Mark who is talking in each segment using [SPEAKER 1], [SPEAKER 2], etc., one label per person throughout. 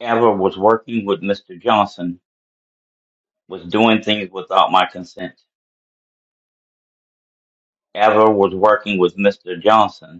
[SPEAKER 1] Ever was working with Mr. Johnson, was doing things without my consent. Ever was working with Mr. Johnson.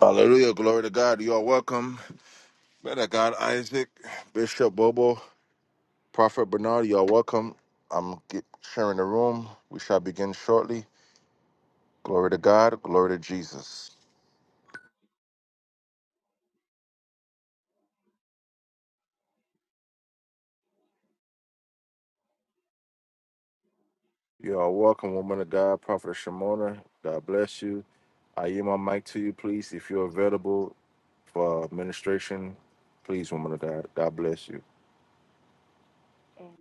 [SPEAKER 2] Hallelujah. Glory to God. You are welcome. Man of God, Isaac, Bishop Bobo, Prophet Bernard, you are welcome. I'm get, sharing the room. We shall begin shortly. Glory to God. Glory to Jesus. You are welcome, woman of God, Prophet Shimona. God bless you. I yield my mic to you, please. If you're available for administration, please, woman of God. God bless you.
[SPEAKER 3] Amen.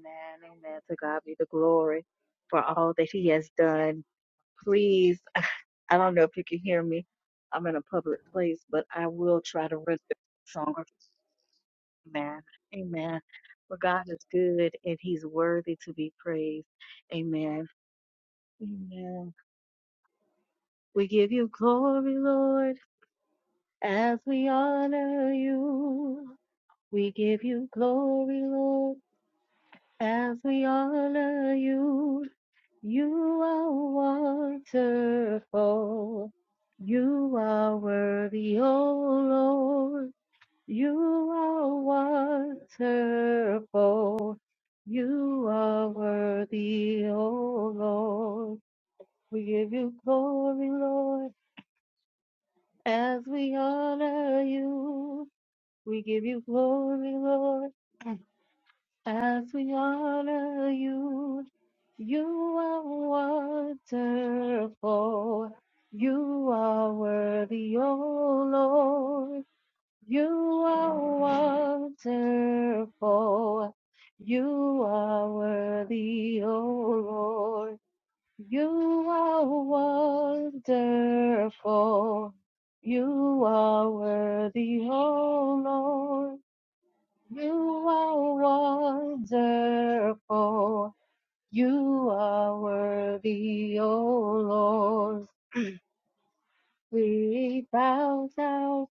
[SPEAKER 3] Amen. To God be the glory for all that He has done. Please, I don't know if you can hear me. I'm in a public place, but I will try to render the song. Amen. Amen. For God is good and He's worthy to be praised. Amen. Amen. We give you glory, Lord, as we honor you. We give you glory, Lord, as we honor you. You are wonderful. You are worthy, oh Lord. You are wonderful. You are worthy, oh Lord. We give you glory, Lord, as we honor you. We give you glory, Lord. As we honor you, you are wonderful. You are worthy, O Lord. You are wonderful. You are worthy, O Lord. You are wonderful. You are worthy, O Lord. You are wonderful. You are worthy, O Lord. We bow down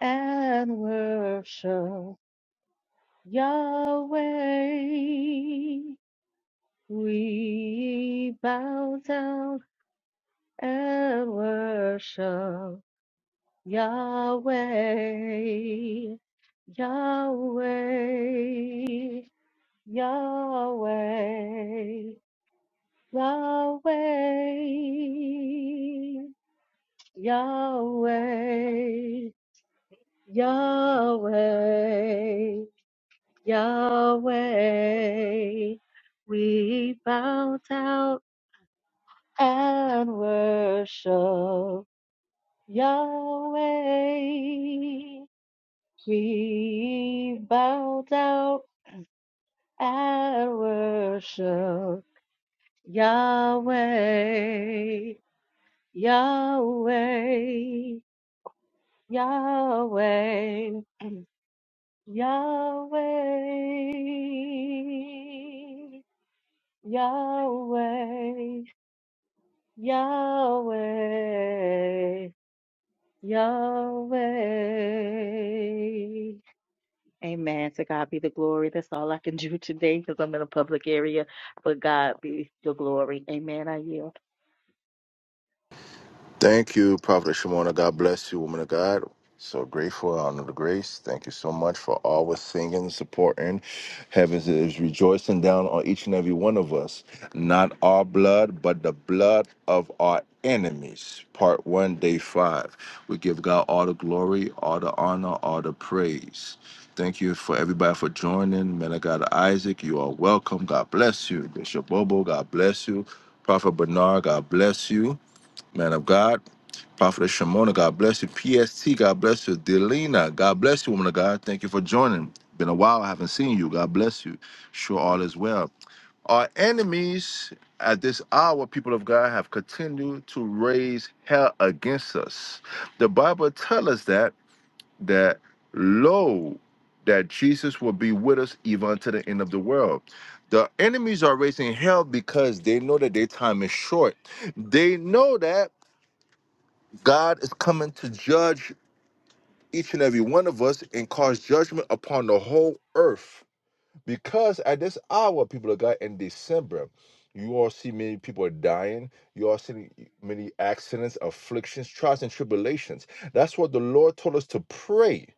[SPEAKER 3] and worship Yahweh. We bow down and worship Yahweh. Yahweh. Yahweh. Yahweh, Yahweh, Yahweh, Yahweh. We bow down and worship Yahweh. We bow down and worship Yahweh, Yahweh. Yahweh, Yahweh, Yahweh, Yahweh, Yahweh. Amen. To God be the glory. That's all I can do today because I'm in a public area. But God be the glory. Amen. I yield.
[SPEAKER 2] Thank you, Prophet Shimona. God bless you, woman of God. So grateful, I honor the grace. Thank you so much for always singing, supporting. Heaven is rejoicing down on each and every one of us. Not our blood, but the blood of our enemies. Part one, day five. We give God all the glory, all the honor, all the praise. Thank you for everybody for joining. Man of God, Isaac, you are welcome. God bless you. Bishop Bobo, God bless you. Prophet Bernard, God bless you. Man of God. Prophet Shimona, God bless you. PST, God bless you. Delina, God bless you, woman of God. Thank you for joining. Been a while, I haven't seen you. God bless you. Sure, all is well. Our enemies at this hour, people of God, have continued to raise hell against us. The Bible tells us that that lo, that Jesus will be with us even unto the end of the world. The enemies are raising hell because they know that their time is short. They know that God is coming to judge each and every one of us and cause judgment upon the whole earth. Because at this hour, people of God, in December, you all see many people are dying. You all see many accidents, afflictions, trials, and tribulations. That's what the Lord told us to pray.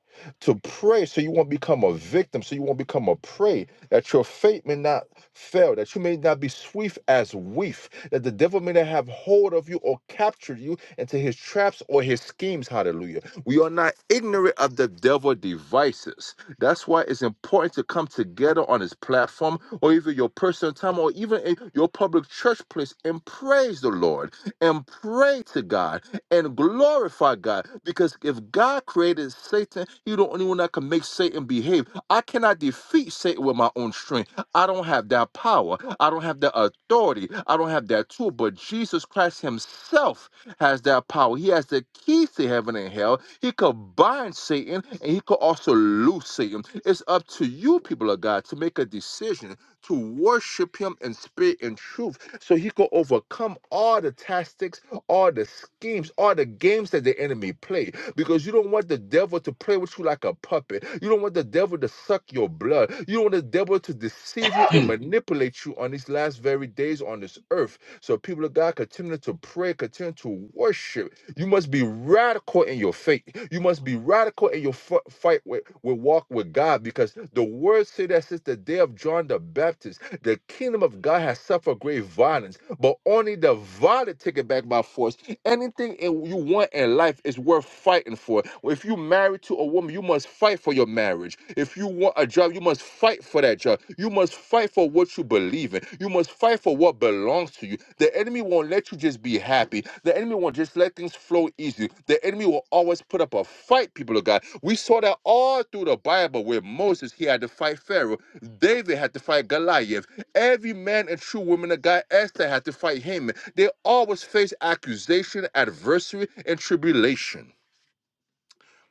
[SPEAKER 2] To pray so you won't become a victim, so you won't become a prey, that your faith may not fail, that you may not be swift as weef, that the devil may not have hold of you or capture you into his traps or his schemes. Hallelujah. We are not ignorant of the devil devices that's why it's important to come together on this platform or even your personal time or even in your public church place and praise the Lord and pray to God and glorify God. Because if God created Satan, He's the only one that can make Satan behave. I cannot defeat Satan with my own strength. I don't have that power. I I don't don't have have that that authority. I don't have that tool. But Jesus Christ Himself has that power. He has the keys to heaven and hell. He could bind Satan and he could also loose Satan. It's up to you, people of God, to make a decision to worship him in spirit and truth so he could overcome all the tactics, all the schemes, all the games that the enemy play. Because you don't want the devil to play with you like a puppet. You don't want the devil to suck your blood. You don't want the devil to deceive you and manipulate you on these last very days on this earth. So, people of God, continue to pray, continue to worship. You must be radical in your faith. You must be radical in your fi- fight with, with walk with God because the word say that since the day of John the Baptist, the kingdom of God has suffered great violence, but only the violent take it back by force. Anything in- you want in life is worth fighting for. If you married to a woman, you must fight for your marriage. If you want a job, you must fight for that job. You must fight for what you believe in. You must fight for what belongs to you. The enemy won't let you just be happy. The enemy won't just let things flow easy. The enemy will always put up a fight, people of God. We saw that all through the Bible where Moses, he had to fight Pharaoh. David had to fight Goliath. Every man and true woman of God, Esther had to fight Haman. They always face accusation, adversity, and tribulation.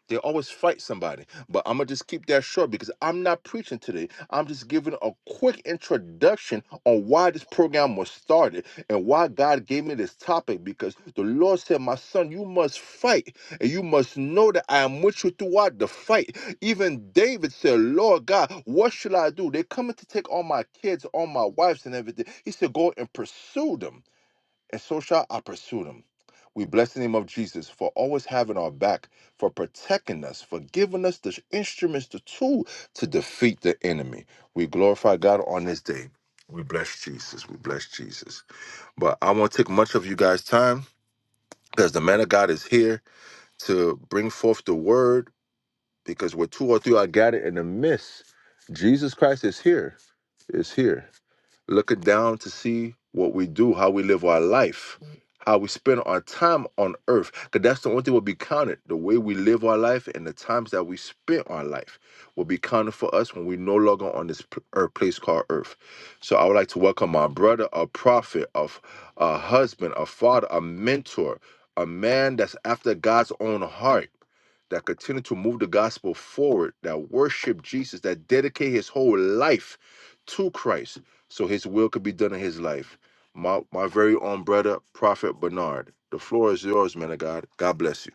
[SPEAKER 2] They always fight somebody. But I'm going to just keep that short because I'm not preaching today. I'm just giving a quick introduction on why this program was started and why God gave me this topic because the Lord said, My son, you must fight and you must know that I am with you throughout the fight. Even David said, Lord God, what should I do? They're coming to take all my kids, all my wives, and everything. He said, Go and pursue them and so shall I pursue them. We bless the name of Jesus for always having our back, for protecting us, for giving us the instruments, the tool to defeat the enemy. We glorify God on this day. We bless Jesus. We bless Jesus. But I won't take much of you guys' time because the man of God is here to bring forth the word because where two or three are gathered in the midst, Jesus Christ is here, is here looking down to see what we do, how we live our life, how we spend our time on earth. Because that's the only thing will be counted. The way we live our life and the times that we spend our life will be counted for us when we no longer on this p- earth, place called earth. So I would like to welcome my brother, a prophet, a, f- a husband, a father, a mentor, a man that's after God's own heart that continue to move the gospel forward, that worship Jesus, that dedicate his whole life to Christ so his will could be done in his life. My, my very own brother, Prophet Bernard. The floor is yours, man of God. God bless you.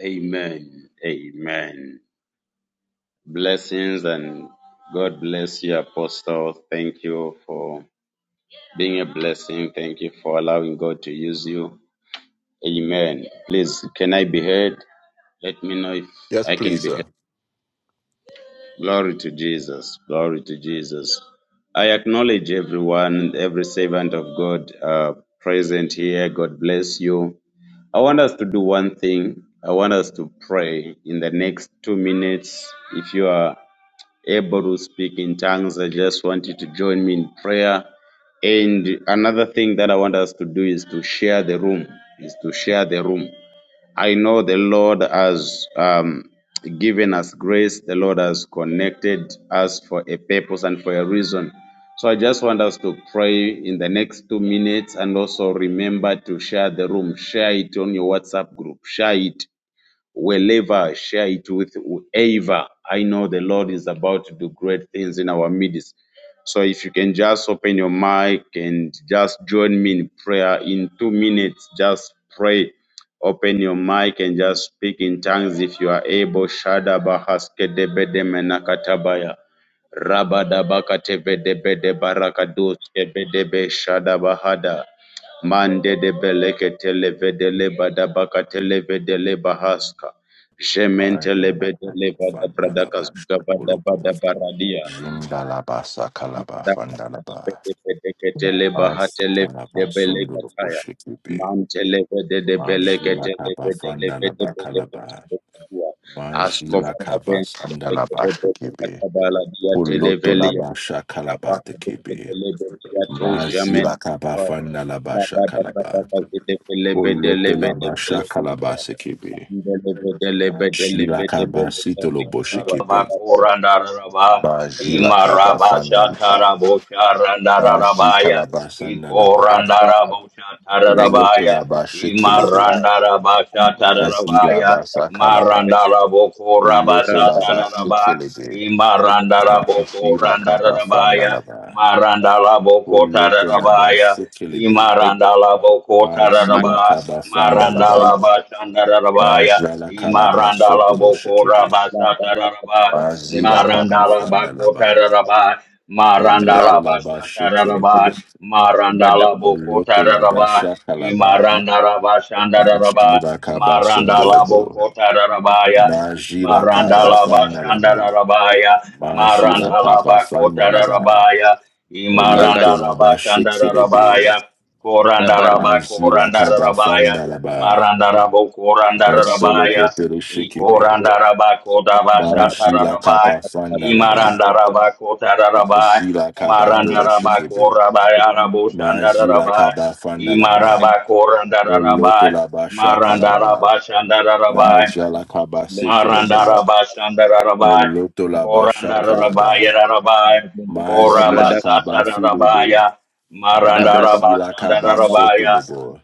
[SPEAKER 4] Amen. Amen. Blessings and God bless you, Apostle. Thank you for being a blessing. Thank you for allowing God to use you. Amen. Please, can I be heard? Let me know if
[SPEAKER 2] Yes,
[SPEAKER 4] I can
[SPEAKER 2] please,
[SPEAKER 4] be heard.
[SPEAKER 2] sir.
[SPEAKER 4] Glory to Jesus. Glory to Jesus. I acknowledge everyone, every servant of God uh, present here. God bless you. I want us to do one thing. I want us to pray in the next two minutes. If you are able to speak in tongues, I just want you to join me in prayer. And another thing that I want us to do is to share the room, is to share the room. I know the Lord has um, given us grace. The Lord has connected us for a purpose and for a reason. So I just want us to pray in the next two minutes and also remember to share the room. Share it on your WhatsApp group. Share it wherever, share it with whoever. I know the Lord is about to do great things in our midst. So if you can just open your mic and just join me in prayer in two minutes, just pray. Open your mic and just speak in tongues if you are able. Shada bahaske debede menakatabaya. Rabada bakate bedebede barakados kebedebe shada bahada. Mande de beleketele vedele badabakatele vedele bahaska. Jementele
[SPEAKER 2] Ba'adalaba,
[SPEAKER 4] bedele
[SPEAKER 2] fandalaba,
[SPEAKER 4] badabradakazuka
[SPEAKER 2] shokolobo,
[SPEAKER 4] badabadabaradia.
[SPEAKER 2] jindalaba, sakalaba, fandalaba,
[SPEAKER 4] Bedeketele bahatele
[SPEAKER 2] maistalaba, sundolobo,
[SPEAKER 4] debelekataya.
[SPEAKER 2] shekibe,
[SPEAKER 4] Mantele vedele beleketele
[SPEAKER 2] majlilakaba,
[SPEAKER 4] vedele
[SPEAKER 2] fandalaba,
[SPEAKER 4] vedele
[SPEAKER 2] kalaba.
[SPEAKER 4] vedele Asko
[SPEAKER 2] Majila
[SPEAKER 4] vadaben
[SPEAKER 2] kabas andalabasha kebe.
[SPEAKER 4] katabaladia
[SPEAKER 2] Koloto
[SPEAKER 4] televelia.
[SPEAKER 2] labasha
[SPEAKER 4] Tabaha
[SPEAKER 2] kalabate
[SPEAKER 4] de
[SPEAKER 2] kebe.
[SPEAKER 4] bedele bedia tojamen.
[SPEAKER 2] Mazila kabafanda
[SPEAKER 4] La ba
[SPEAKER 2] labasha
[SPEAKER 4] ba ba ba
[SPEAKER 2] kalaba.
[SPEAKER 4] ba de de de le be de le
[SPEAKER 2] Koloto
[SPEAKER 4] be de be le.
[SPEAKER 2] labasha kalabase kebe.
[SPEAKER 4] De le be de le be de le be
[SPEAKER 2] Majila
[SPEAKER 4] de be de de de
[SPEAKER 2] kabasito
[SPEAKER 4] de
[SPEAKER 2] loboshe
[SPEAKER 4] wa ba
[SPEAKER 2] kebe.
[SPEAKER 4] ba ba ba.
[SPEAKER 1] Rabakorandaraba,
[SPEAKER 4] De le
[SPEAKER 2] Majila
[SPEAKER 4] be
[SPEAKER 2] kabafanda
[SPEAKER 1] Imarabasha
[SPEAKER 4] de
[SPEAKER 2] laba.
[SPEAKER 4] am
[SPEAKER 1] Tarabosha
[SPEAKER 2] Maji
[SPEAKER 1] Randarabaya,
[SPEAKER 2] kalabasanda laba.
[SPEAKER 4] ab ba ba
[SPEAKER 1] Ikorandarabosha
[SPEAKER 4] de le be de
[SPEAKER 2] Moloto
[SPEAKER 1] Tarabaya,
[SPEAKER 2] labasha
[SPEAKER 4] at
[SPEAKER 2] kelebe.
[SPEAKER 4] ba am
[SPEAKER 1] Imarandarabasha
[SPEAKER 4] ba ba
[SPEAKER 2] Majila
[SPEAKER 1] Tarabaya,
[SPEAKER 4] ba
[SPEAKER 2] basa kalaba.
[SPEAKER 4] be de
[SPEAKER 1] Marandaraboko
[SPEAKER 2] Moloto
[SPEAKER 4] ra
[SPEAKER 1] Rabasa
[SPEAKER 4] ba am
[SPEAKER 2] labasha
[SPEAKER 1] Taraba,
[SPEAKER 4] de le
[SPEAKER 2] kelebe.
[SPEAKER 4] be de de de de de.
[SPEAKER 1] Imarandaraboko
[SPEAKER 2] Majila kabafanda
[SPEAKER 1] Randarabaya,
[SPEAKER 2] laba.
[SPEAKER 1] Marandaraboko
[SPEAKER 4] Ba
[SPEAKER 2] Oloto
[SPEAKER 4] ka
[SPEAKER 2] la
[SPEAKER 4] de
[SPEAKER 2] ba
[SPEAKER 4] de
[SPEAKER 1] Tarabaya,
[SPEAKER 2] shekelebe.
[SPEAKER 4] de de de.
[SPEAKER 1] Imarandalaboko
[SPEAKER 2] Maji
[SPEAKER 4] Aman
[SPEAKER 2] la
[SPEAKER 1] Taraba,
[SPEAKER 2] kaba fanda la
[SPEAKER 4] de de
[SPEAKER 2] ba.
[SPEAKER 4] de de
[SPEAKER 1] Marandalabashandarabaya,
[SPEAKER 2] Maja la kalaba
[SPEAKER 4] de.
[SPEAKER 2] soto
[SPEAKER 1] Imarandala
[SPEAKER 2] lo
[SPEAKER 1] boko rabasa tararaba.
[SPEAKER 2] la
[SPEAKER 1] Marandala bako
[SPEAKER 2] ba.
[SPEAKER 1] tararaba.
[SPEAKER 2] Oloto
[SPEAKER 1] Marandala
[SPEAKER 2] la
[SPEAKER 1] basa
[SPEAKER 2] ba
[SPEAKER 1] tararaba.
[SPEAKER 2] shekelebe.
[SPEAKER 1] Marandala boko
[SPEAKER 2] Oloto la ba
[SPEAKER 1] tararaba.
[SPEAKER 2] shakalaba.
[SPEAKER 1] Imarandala
[SPEAKER 2] Maji
[SPEAKER 1] bashandararaba.
[SPEAKER 2] la kaba
[SPEAKER 1] Marandala
[SPEAKER 2] sondelebo.
[SPEAKER 1] boko tararabaya.
[SPEAKER 2] Maji la kaba
[SPEAKER 1] Imarandala
[SPEAKER 2] fanda la ba.
[SPEAKER 1] bashandararabaya.
[SPEAKER 2] Maji la
[SPEAKER 1] Marandala bako
[SPEAKER 2] la ba.
[SPEAKER 1] tararabaya.
[SPEAKER 2] Moloto la
[SPEAKER 1] Imarandala
[SPEAKER 2] ba shekelebe.
[SPEAKER 1] bashandararabaya. Korandala bako
[SPEAKER 2] Maji la
[SPEAKER 1] randararabaya.
[SPEAKER 2] la ba.
[SPEAKER 1] Marandarabo
[SPEAKER 2] No solo
[SPEAKER 1] Korandarabaya,
[SPEAKER 2] botere shekebe.
[SPEAKER 1] Ikorandaraba Kodaba
[SPEAKER 2] Majila
[SPEAKER 1] Shatarabai,
[SPEAKER 2] kaba fandalaba.
[SPEAKER 1] Imarandaraba Kotarabai,
[SPEAKER 2] Majila kaba tolo
[SPEAKER 1] Marandaraba
[SPEAKER 2] shikibi.
[SPEAKER 1] Korabaya Rabu
[SPEAKER 2] Majila
[SPEAKER 1] Shandarabai,
[SPEAKER 2] kaba fandalaba.
[SPEAKER 1] Imaraba
[SPEAKER 2] Moloto
[SPEAKER 1] Korandarabai,
[SPEAKER 2] laba
[SPEAKER 1] Marandaraba
[SPEAKER 2] shakalaba.
[SPEAKER 1] Shandarabai,
[SPEAKER 2] Majala kaba setelibi.
[SPEAKER 1] Marandarabai,
[SPEAKER 4] Let
[SPEAKER 2] Moloto laba
[SPEAKER 4] Thank
[SPEAKER 2] shakalaba.
[SPEAKER 1] Korandarabai,
[SPEAKER 2] Majila kaba filibi.
[SPEAKER 1] Korabasatarabaya,
[SPEAKER 2] Majila kaba
[SPEAKER 1] Marandarabashandarabaya,
[SPEAKER 2] sotolibo.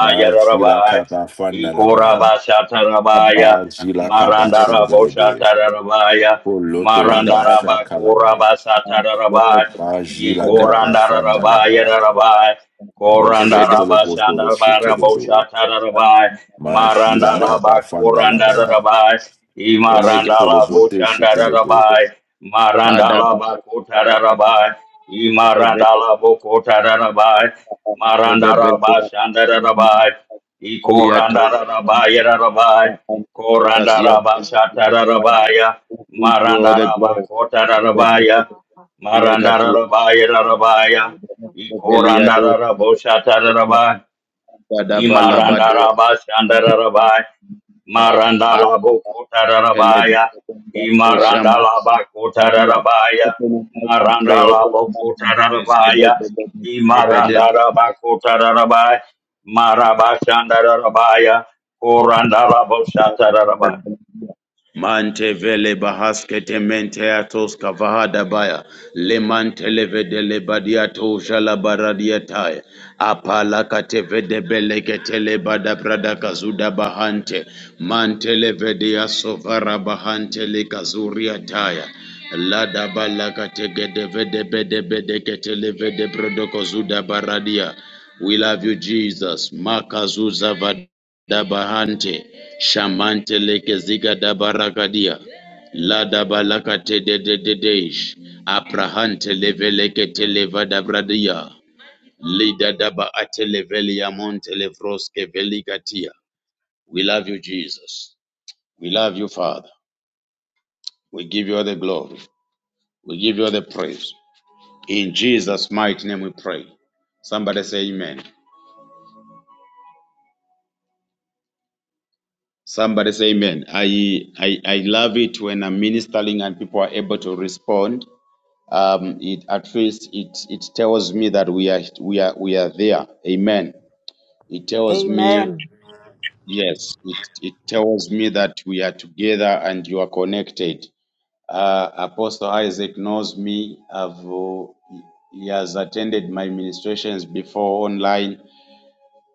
[SPEAKER 2] Majila kaba fandalaba.
[SPEAKER 1] Ikorabasatarabaya,
[SPEAKER 2] Majila
[SPEAKER 3] Amen.
[SPEAKER 2] kaba sendelibi.
[SPEAKER 1] Marandaraboshatarabaya,
[SPEAKER 2] Moloto laba shakalaba.
[SPEAKER 1] Marandarabakorabasatarabaya,
[SPEAKER 2] Majila kaba fandalaba.
[SPEAKER 1] Ikorandarabaya,
[SPEAKER 2] Moshokolo botolo shekelebe.
[SPEAKER 1] Korandarabasandaraboshatarabaya, Maranda
[SPEAKER 2] Majila
[SPEAKER 1] la
[SPEAKER 2] kaba fanda
[SPEAKER 1] bakuranda
[SPEAKER 2] laba.
[SPEAKER 1] rabai. Imaranda
[SPEAKER 2] Moshokolo
[SPEAKER 1] la
[SPEAKER 2] bote
[SPEAKER 1] bochanda
[SPEAKER 2] shekelebe.
[SPEAKER 1] rabai. Maranda la bakuta rabai. Imaranda la bokota rabai. Maranda rabashanda rabai.
[SPEAKER 4] you.
[SPEAKER 1] Ikoranda rabai rabai.
[SPEAKER 3] I'm
[SPEAKER 1] Koranda
[SPEAKER 4] Tasia
[SPEAKER 1] rabashata
[SPEAKER 4] Bahaya,
[SPEAKER 1] rabaya.
[SPEAKER 4] who gives you all
[SPEAKER 1] Maranda
[SPEAKER 4] the glory,
[SPEAKER 1] rabakota rabaya. Maranda
[SPEAKER 4] Lekatua,
[SPEAKER 1] rabaya
[SPEAKER 4] and
[SPEAKER 1] rabaya. Ikoranda
[SPEAKER 4] Veliado,
[SPEAKER 1] raboshata rabai.
[SPEAKER 4] Dadavala Badua,
[SPEAKER 1] Imarandaraba Shandarabai, Marandalabo Kotarabaya,
[SPEAKER 4] Oshama,
[SPEAKER 1] Imarandalaba
[SPEAKER 4] Nadia,
[SPEAKER 1] Kotarabaya,
[SPEAKER 4] open your mouth and pray, open your
[SPEAKER 1] Marandalabo
[SPEAKER 4] mouth and praise the
[SPEAKER 1] Kotarabaya,
[SPEAKER 4] Lord,
[SPEAKER 1] Imarandaraba Kotarabai, Maraba Shandarabaya, Korandalabo Shatarabai.
[SPEAKER 4] Mantevele bahaskete menteatos kavahada baya le mantelevede le badiato jala baradiatai apala katevede belekete le bada brada kazuda bahante mantelevede asovara bahante le kazuria taya la da bala kategede vede bede bede ketelevede vede brodoko baradia we love you jesus makazuza vad Dabahante, Shamante lekeziga dabarakadia, La dabalakate de de de deish, Aprahante levelekete leva dabradia, Lida daba ate levelia monte levroske We love you, Jesus. We love you, Father. We give you all the glory. We give you all the praise. In Jesus' mighty name we pray. Somebody say amen. Somebody say amen. I, I, I love it when I'm ministering and people are able to respond um, it at least it it tells me that we are we are we are there. Amen. It tells me
[SPEAKER 5] Amen.
[SPEAKER 4] yes. It it tells me that we are together and you are connected. Uh, Apostle Isaac knows me. I've uh, he has attended my ministrations before online.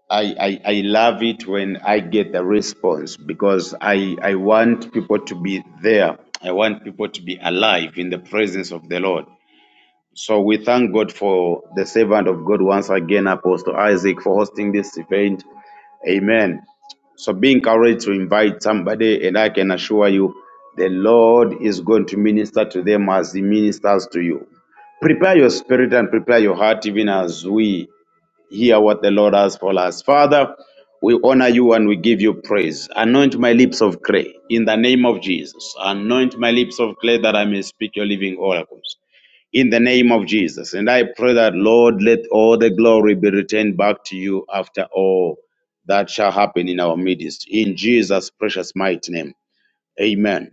[SPEAKER 4] I, I, I love it when I get the response because I, I want people to be there. I want people to be alive in the presence of the Lord. So we thank God for the servant of God once again, Apostle Isaac, for hosting this event. Amen. So be encouraged to invite somebody, and I can assure you, the Lord is going to minister to them as He ministers to you. Prepare your spirit and prepare your heart, even as we hear what the Lord has for us. Father, we honor you and we give you praise. Anoint my lips of clay in the name of Jesus. Anoint my lips of clay that I may speak your living oracles in the name of Jesus. And I pray that, Lord, let all the glory be returned back to you after all that shall happen in our midst. In Jesus' precious mighty name. Amen.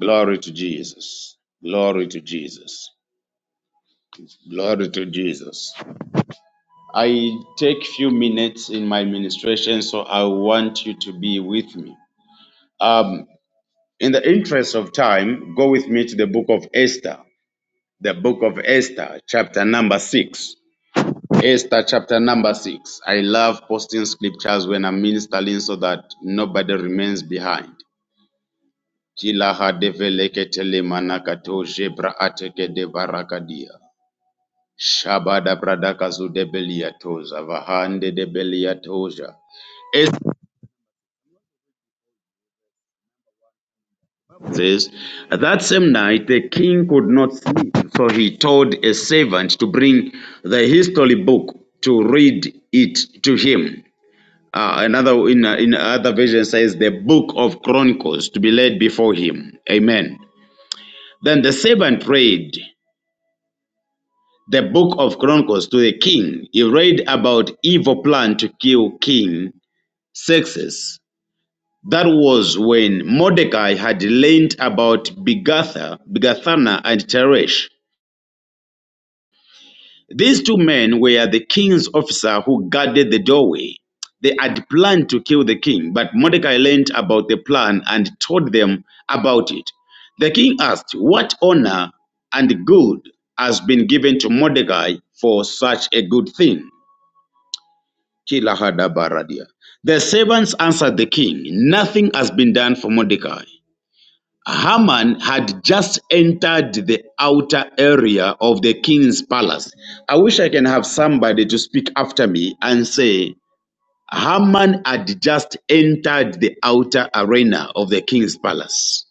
[SPEAKER 4] Glory to Jesus. Glory to Jesus. Glory to Jesus. I take few minutes in my ministration, so I want you to be with me. Um, in the interest of time, go with me to the book of Esther, the book of Esther, chapter number six. Esther chapter number six. I love posting scriptures when I'm ministering so that nobody remains behind. Kila hadeveleke manakato jebra ateke de barakadia. Shabada bradaka zudebelia toza, vahande de belia says, That same night the king could not sleep, so he told a servant to bring the history book to read it to him. Uh, another in, uh, in other version says the book of Chronicles to be laid before him. Amen. Then the servant read the book of Chronicles to the king. He read about evil plan to kill King Xerxes. That was when Mordecai had learned about Bigatha, Bigathana, and Teresh. These two men were the king's officer who guarded the doorway. They had planned to kill the king, but Mordecai learned about the plan and told them about it. The king asked, What honor and good has been given to Mordecai for such a good thing? Kilahadabaradia. The servants answered the king, Nothing has been done for Mordecai. Haman had just entered the outer area of the king's palace. I wish I can have somebody to speak after me and say, Haman had just entered the outer arena of the king's palace.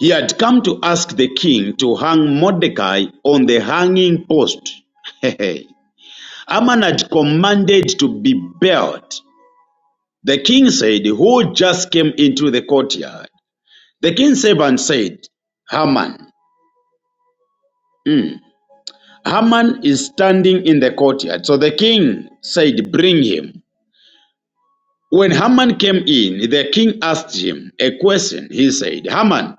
[SPEAKER 4] He had come to ask the king to hang Mordecai on the hanging post. Haman had commanded to be buried. The king said, Who just came into the courtyard? The king's servant said, Haman. Haman is standing in the courtyard. So the king said, Bring him. When Haman came in, the king asked him a question. He said, Haman,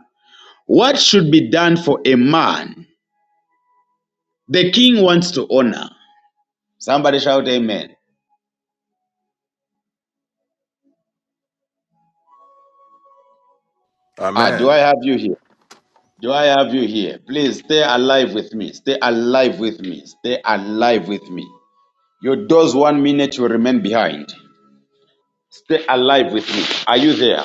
[SPEAKER 4] what should be done for a man the king wants to honor? Somebody shout, Amen. Ah, do I
[SPEAKER 2] Amen.
[SPEAKER 4] have you here? Do I have you here? Please stay alive with me. Stay alive with me. Stay alive with me. Your doors one minute will remain behind. Stay alive with me. Are you there?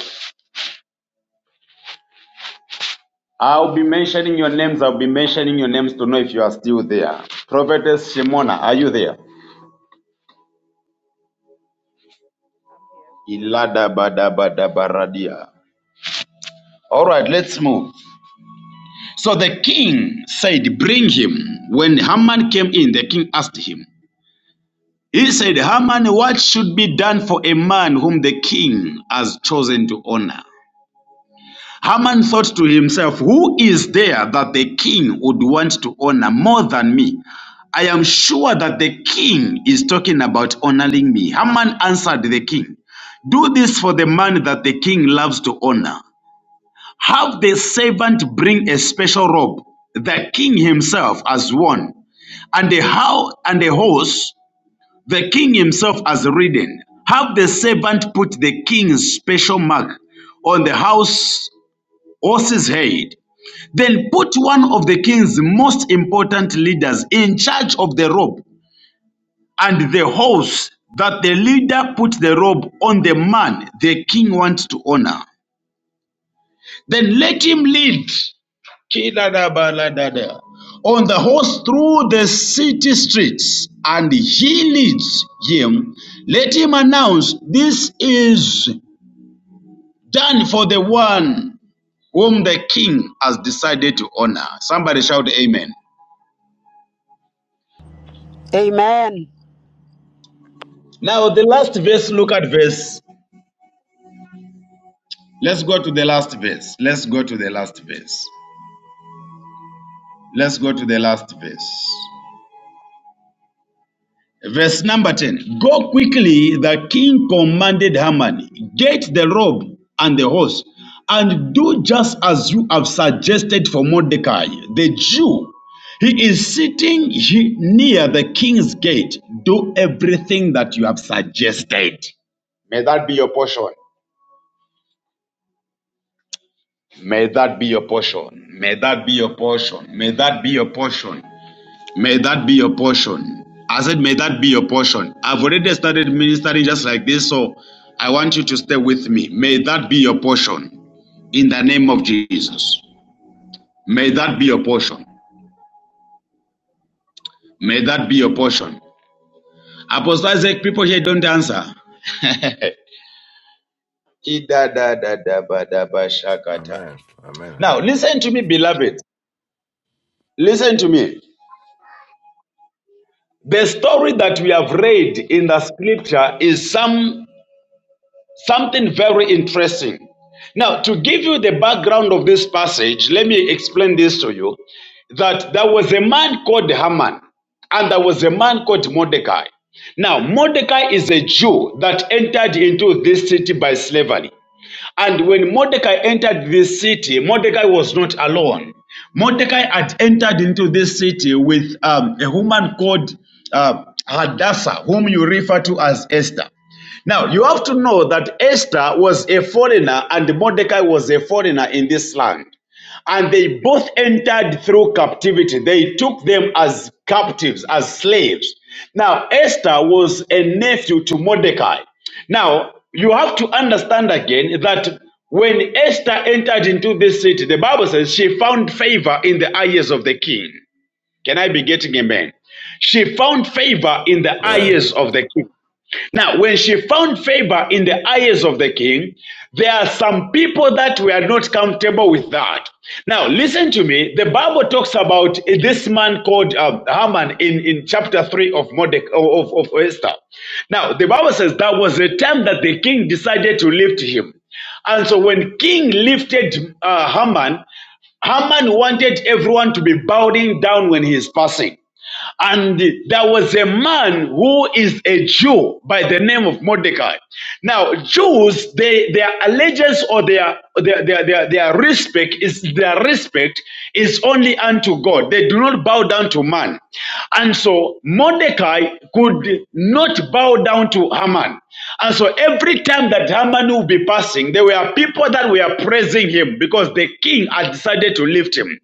[SPEAKER 4] I'll be mentioning your names. I'll be mentioning your names to know if you are still there. Prophetess Shimona, are you there?
[SPEAKER 3] here.
[SPEAKER 4] Ilada bada bada baradia. All right, let's move. So the king said, Bring him. When Haman came in, the king asked him, He said, Haman, what should be done for a man whom the king has chosen to honor? Haman thought to himself, Who is there that the king would want to honor more than me? I am sure that the king is talking about honoring me. Haman answered the king, Do this for the man that the king loves to honor. Have the servant bring a special robe, the king himself as one, and a how and a horse, the king himself as ridden. Have the servant put the king's special mark on the house horse's head then put one of the king's most important leaders in charge of the robe and the horse that the leader puts the robe on the man the king wants to honor. Then let him lead on the horse through the city streets, and he leads him. Let him announce, This is done for the one whom the king has decided to honor. Somebody shout, Amen.
[SPEAKER 5] Amen.
[SPEAKER 4] Now, the last verse, look at verse. Let's go to the last verse. Let's go to the last verse. Let's go to the last verse. Verse number 10. Go quickly, the king commanded Haman, get the robe and the horse, and do just as you have suggested for Mordecai, the Jew. He is sitting he- near the king's gate. Do everything that you have suggested. May that be your portion. May that be your portion. May that be your portion. May that be your portion. May that be your portion. I said, may that be your portion. I've already started ministering just like this, so I want you to stay with me. May that be your portion in the name of Jesus. May that be your portion. May that be your portion. Apostle Isaac, people here don't answer.
[SPEAKER 2] Amen.
[SPEAKER 4] Now, listen to me, beloved. Listen to me. The story that we have read in the scripture is some something very interesting. Now, to give you the background of this passage, let me explain this to you that there was a man called Haman and there was a man called Mordecai. Now, Mordecai is a Jew that entered into this city by slavery. And when Mordecai entered this city, Mordecai was not alone. Mordecai had entered into this city with um, a woman called uh, Hadassah, whom you refer to as Esther. Now, you have to know that Esther was a foreigner and Mordecai was a foreigner in this land. And they both entered through captivity. They took them as captives, as slaves. Now, Esther was a nephew to Mordecai. Now, you have to understand again that when Esther entered into this city, the Bible says she found favor in the eyes of the king. Can I be getting amen? She found favor in the eyes of the king. Now, when she found favor in the eyes of the king, there are some people that were not comfortable with that. Now, listen to me. The Bible talks about this man called um, Haman in, in chapter 3 of, Mordec- of, of Esther. Now, the Bible says that was the time that the king decided to lift him. And so when king lifted uh, Haman, Haman wanted everyone to be bowing down when he is passing. And there was a man who is a Jew by the name of Mordecai. Now, Jews, they their allegiance or their their, their, their their respect is their respect is only unto God. They do not bow down to man. And so Mordecai could not bow down to Haman. And so every time that Haman will be passing, there were people that were praising him because the king had decided to lift him.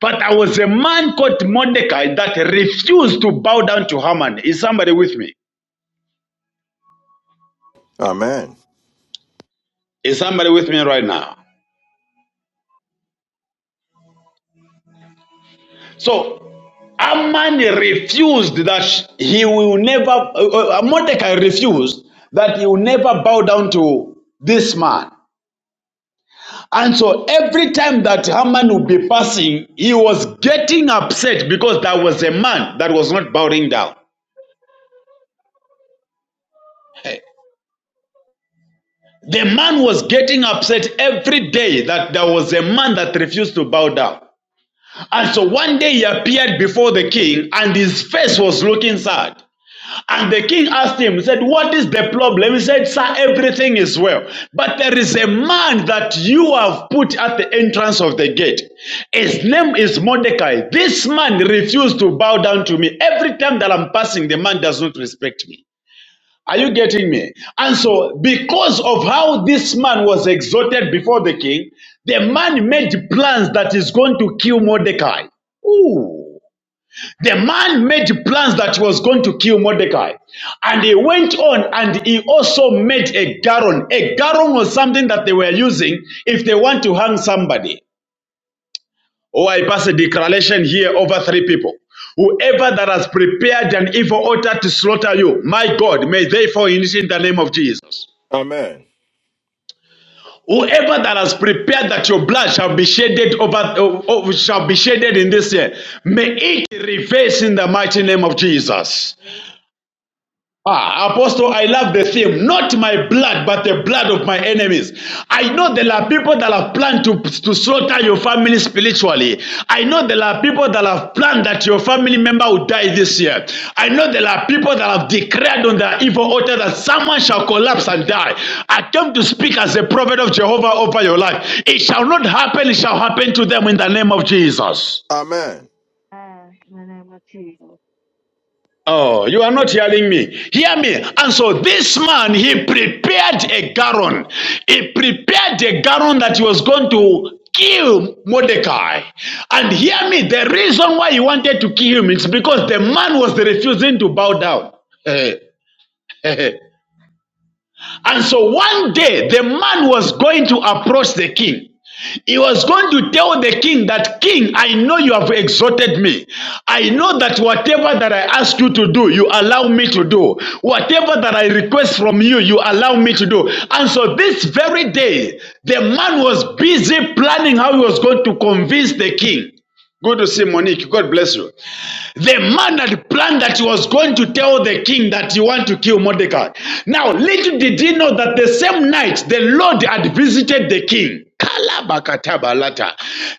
[SPEAKER 4] But there was a man called Mordecai that refused to bow down to Haman. Is somebody with me?
[SPEAKER 2] Amen.
[SPEAKER 4] Is somebody with me right now? So Haman refused that he will never, uh, uh, Mordecai refused that he will never bow down to this man. And so every time that Haman would be passing, he was getting upset because there was a man that was not bowing down. Hey. The man was getting upset every day that there was a man that refused to bow down. And so one day he appeared before the king and his face was looking sad. And the king asked him, he said, What is the problem? He said, Sir, everything is well. But there is a man that you have put at the entrance of the gate. His name is Mordecai. This man refused to bow down to me. Every time that I'm passing, the man does not respect me. Are you getting me? And so, because of how this man was exalted before the king, the man made plans that is going to kill Mordecai. Ooh. The man made plans that he was going to kill Mordecai. And he went on and he also made a garon. A garon was something that they were using if they want to hang somebody. Oh, I pass a declaration here over three people. Whoever that has prepared an evil altar to slaughter you, my God, may they fall in the name of Jesus.
[SPEAKER 2] Amen.
[SPEAKER 4] Whoever that has prepared that your blood shall be shedded over oh, oh, shall be shedded in this year, may it reverse in the mighty name of Jesus. Ah, Apostle, I love the theme. Not my blood, but the blood of my enemies. I know there are people that have planned to, to slaughter your family spiritually. I know there are people that have planned that your family member will die this year. I know there are people that have declared on their evil altar that someone shall collapse and die. I came to speak as a prophet of Jehovah over your life. It shall not happen, it shall happen to them in the name of Jesus.
[SPEAKER 2] Amen.
[SPEAKER 3] In I'm of Jesus.
[SPEAKER 4] Oh, you are not hearing me. Hear me. And so this man, he prepared a garron. He prepared a garron that he was going to kill Mordecai. And hear me, the reason why he wanted to kill him is because the man was refusing to bow down. and so one day, the man was going to approach the king. He was going to tell the king that, King, I know you have exhorted me. I know that whatever that I ask you to do, you allow me to do. Whatever that I request from you, you allow me to do. And so this very day, the man was busy planning how he was going to convince the king. Good to see Monique. God bless you. The man had planned that he was going to tell the king that you want to kill Mordecai. Now, little did he know that the same night the Lord had visited the king. Kalabakatabalata.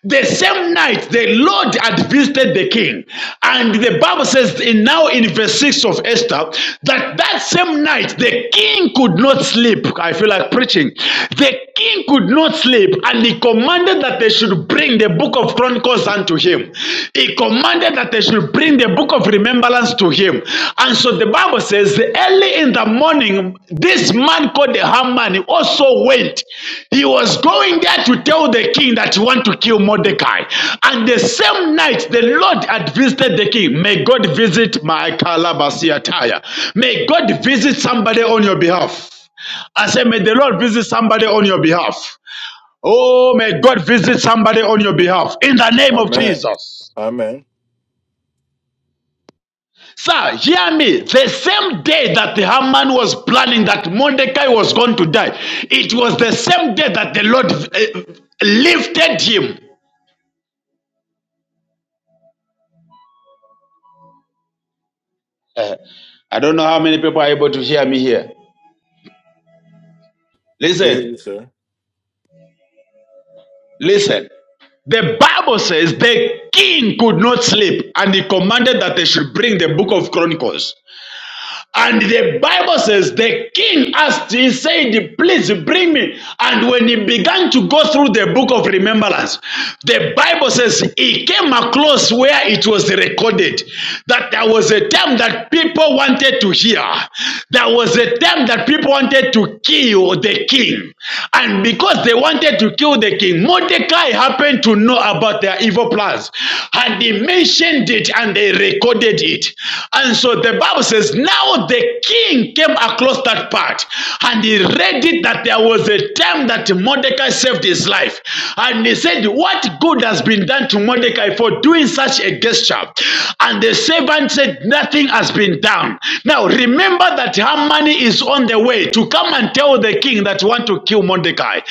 [SPEAKER 4] The same night the Lord had visited the king. And the Bible says in now in verse 6 of Esther that that same night the king could not sleep. I feel like preaching. The king could not sleep and he commanded commanded that they should bring the book of Chronicles unto him. He commanded that they should bring the book of remembrance to him. And so the Bible says, early in the morning, this man called the Haman also went. He was going there to tell the king that he want to kill Mordecai. And the same night, the Lord had visited the king. May God visit my Calabasia Tyre. May God visit somebody on your behalf. I said, may the Lord visit somebody on your behalf. Oh, may God visit somebody on your behalf in the name of
[SPEAKER 2] Amen.
[SPEAKER 4] Jesus.
[SPEAKER 2] Amen.
[SPEAKER 4] Sir, hear me. The same day that the Haman was planning that Mordecai was going to die, it was the same day that the Lord eh, lifted him. Eh, I don't know how many people are able to hear me here.
[SPEAKER 2] We can hear
[SPEAKER 4] Listen,
[SPEAKER 2] you, sir.
[SPEAKER 4] listen. The Bible says the king could not sleep and he commanded that they should bring the book of Chronicles. And the Bible says the king asked, he said, Please bring me. And when he began to go through the book of remembrance, the Bible says he came across where it was recorded that there was a time that people wanted to hear. There was a time that people wanted to kill the king. And because they wanted to kill the king, Mordecai happened happened to know about their evil plans. And they mentioned it and they recorded it. And so the Bible says, now the king came across that part and he read it that there was a time that Mordecai saved his life. And he said, What good has been done to Mordecai for doing such a gesture? And the servant said, Nothing has been done. Now remember Remember that Haman is on the way to come and tell the king that you want to kill Mordecai.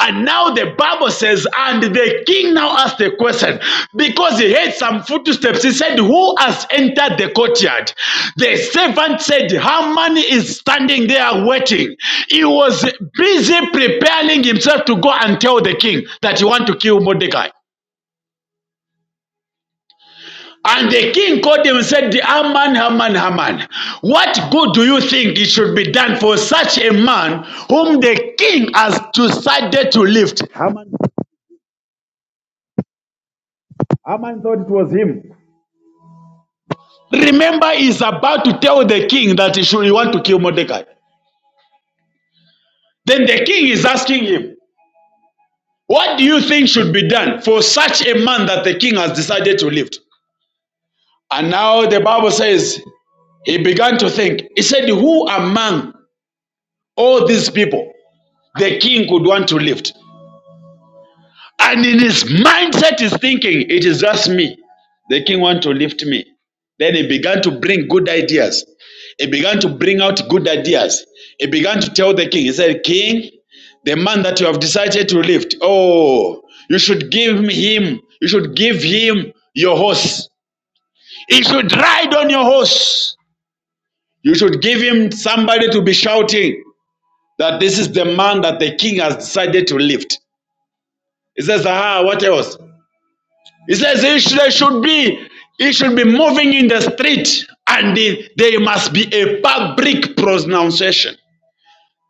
[SPEAKER 4] And now the Bible says, and the king now asked the question because he heard some footsteps. He said, Who has entered the courtyard? The servant said, Haman is standing there waiting. He was busy preparing himself to go and tell the king that you want to kill Mordecai. And the king called him and said, Haman, Haman, Haman, what good do you think it should be done for such a man whom the king has decided to lift? Remember, he's about to tell the king that he should he want to kill Mordecai. Then the king is asking him, What do you think should be done for such a man that the king has decided to lift? And now the Bible says he began to think. He said, Who among all these people the king would want to lift? And in his mindset, he's thinking, it is just me. The king want to lift me. Then he began to bring good ideas. He began to bring out good ideas. He began to tell the king, he said, King, the man that you have decided to lift, oh, you should give him, you should give him your horse. He should ride on your horse. You should give him somebody to be shouting that this is the man that the king has decided to lift. He says, "Ah, what else? It says it should be, it should be moving in the street, and the- there must be a public pronunciation.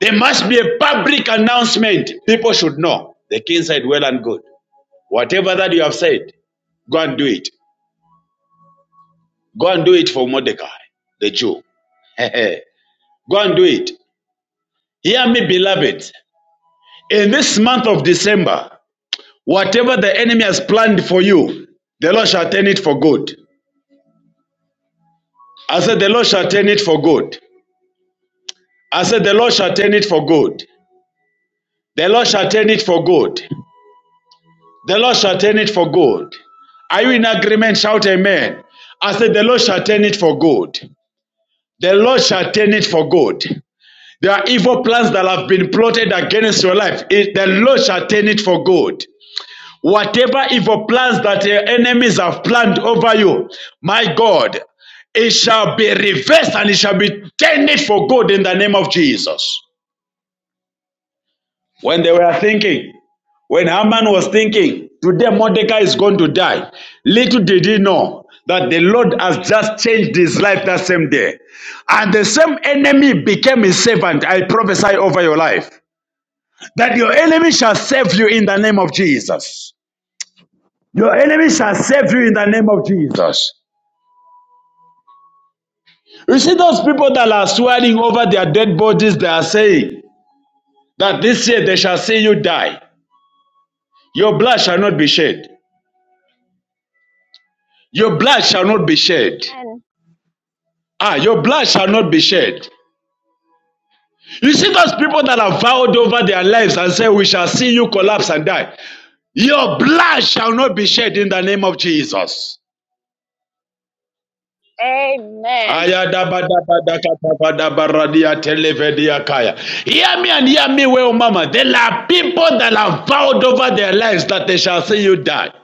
[SPEAKER 4] There must be a public announcement. People should know. The king said, Well and good. Whatever that you have said, go and do it. Go and do it for Mordecai, the Jew. go and do it. Hear me, beloved. In this month of December, whatever the enemy has planned for you, the Lord shall turn it for good. I said, The Lord shall turn it for good. I said, The Lord shall turn it for good. The Lord shall turn it for good. The Lord shall turn it for good. Are you in agreement? Shout amen. I said, The Lord shall turn it for good. The Lord shall turn it for good. There are evil plans that have been plotted against your life. It- the Lord shall turn it for good. Whatever evil plans that your enemies have planned over you, my God, it shall be reversed and it shall be turned for good in the name of Jesus. When they were thinking, When Haman was thinking, today Mordecai is going to die, little did he know that the Lord has just changed his life that same day. And the same enemy became his servant. I prophesy over your life that your enemy shall save you in the name of Jesus. Your enemy shall save you in the name of Jesus. You see, those people that are swearing over their dead bodies, they are saying that this year they shall see you die. Your blood shall not be shed. Your blood shall not be shed.
[SPEAKER 6] Amen.
[SPEAKER 4] Ah, your blood shall not be shed. You see those people that have vowed over their lives and said, We shall see you collapse and die. Your blood shall not be shed in the name of Jesus.
[SPEAKER 6] Amen.
[SPEAKER 4] Hear me and hear me well, Mama. There are people that have vowed over their lives that they shall see you die.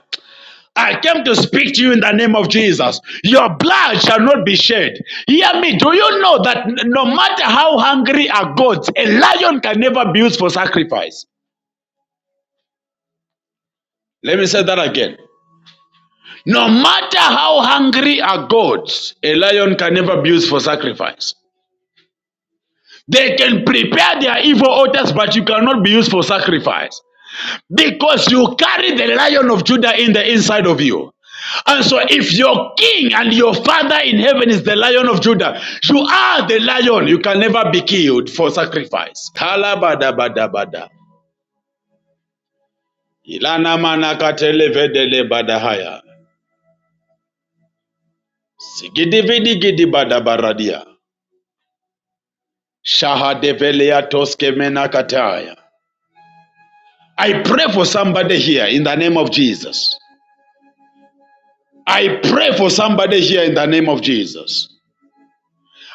[SPEAKER 4] I came to speak to you in the name of Jesus. Your blood shall not be shed. Hear me. Do you know that no matter how hungry a goat, a lion can never be used for sacrifice? Let me say that again. No matter how hungry a goat, a lion can never be used for sacrifice. They can prepare their evil altars, but you cannot be used for sacrifice. because you carry the lion of Judah in the inside of you. And so, if your king and your father in heaven is the lion of Judah, you are the lion. You can never be killed for sacrifice. Kalabadabadabada. Ilana manakatelevedele badahaya. Sigidividigidi badabaradia. Shahadevelea toskemena kataya. I pray for somebody here in the name of Jesus. I pray for somebody here in the name of Jesus.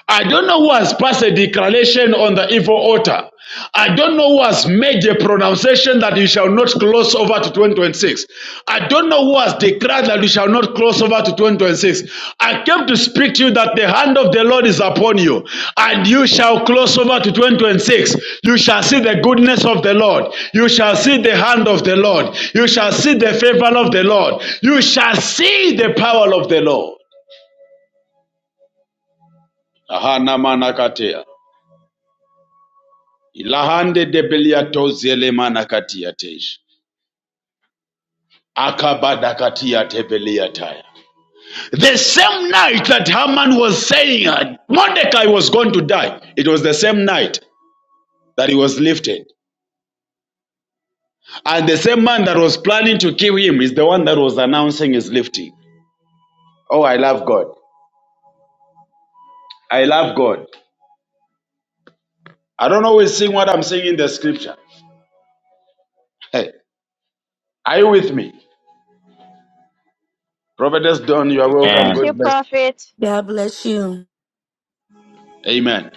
[SPEAKER 4] I don't know who has passed a declaration on the evil altar. I don't know who has made a pronunciation that you shall not cross over to 2026. I don't know who has declared that you shall not cross over to 2026. I came to speak to you that the hand of the Lord is upon you and you shall cross over to 2026. You shall see the goodness of the Lord. You shall see the hand of the Lord. You shall see the favor of the Lord. You shall see the power of the Lord. Aha, namanakatea. Ilahande de zelemana katiatesh. Akabada katiate beliataya. The same night that Haman was saying uh, Mordecai was going to die, it was the same night that he was lifted. And the same man that was planning to kill him is the one that was announcing his lifting. Oh, I love God. I love God. I don't always sing what I'm singing in the scripture. Hey, are you with me? Prophetess
[SPEAKER 1] Amen.
[SPEAKER 4] Don, you are
[SPEAKER 6] We're
[SPEAKER 4] welcome.
[SPEAKER 6] with
[SPEAKER 1] Amen.
[SPEAKER 4] God
[SPEAKER 6] you,
[SPEAKER 4] bless.
[SPEAKER 6] prophet.
[SPEAKER 7] God bless you.
[SPEAKER 4] you. Amen.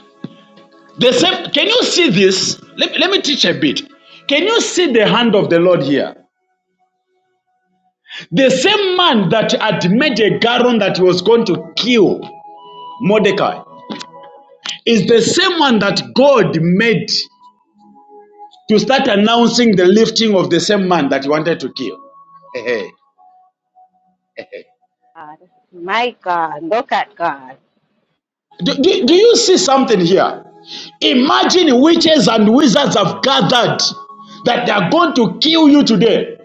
[SPEAKER 4] The same, can you see this? Let, let me teach a bit. Can you see the hand of the Lord here? The same man that had made a garron that he was going to kill Mordecai is the same one that God made to start announcing the lifting of the same man that he wanted to kill.
[SPEAKER 6] God. My God. Look at God.
[SPEAKER 4] Do, do, do you see something here? Imagine witches and wizards have gathered that they are going to kill you today.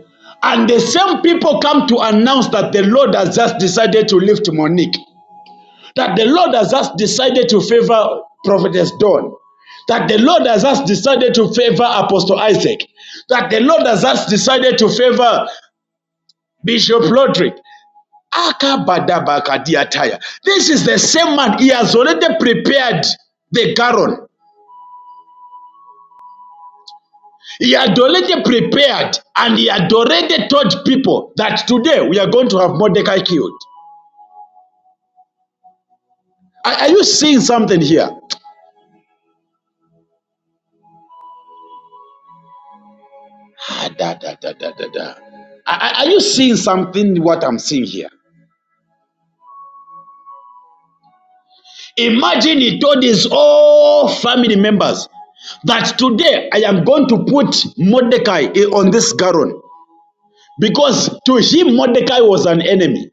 [SPEAKER 4] And the same people come to announce that the Lord has just decided to lift Monique, that the Lord has just decided to favor Prophetess Dawn, that the Lord has just decided to favor Apostle Isaac, that the Lord has just decided to favor Bishop Lodrick, Akabadabakadiataya. This is the same man. He has already prepared the garon. He had already prepared and he had already told people that today we are going to have Mordecai killed. Are, are you seeing something here? Ah, da, da, da, da, da, da. Are, are are you seeing something what I'm seeing here? Imagine he told his all family members that today I am going to put Mordecai on this garon because to him Mordecai was an enemy.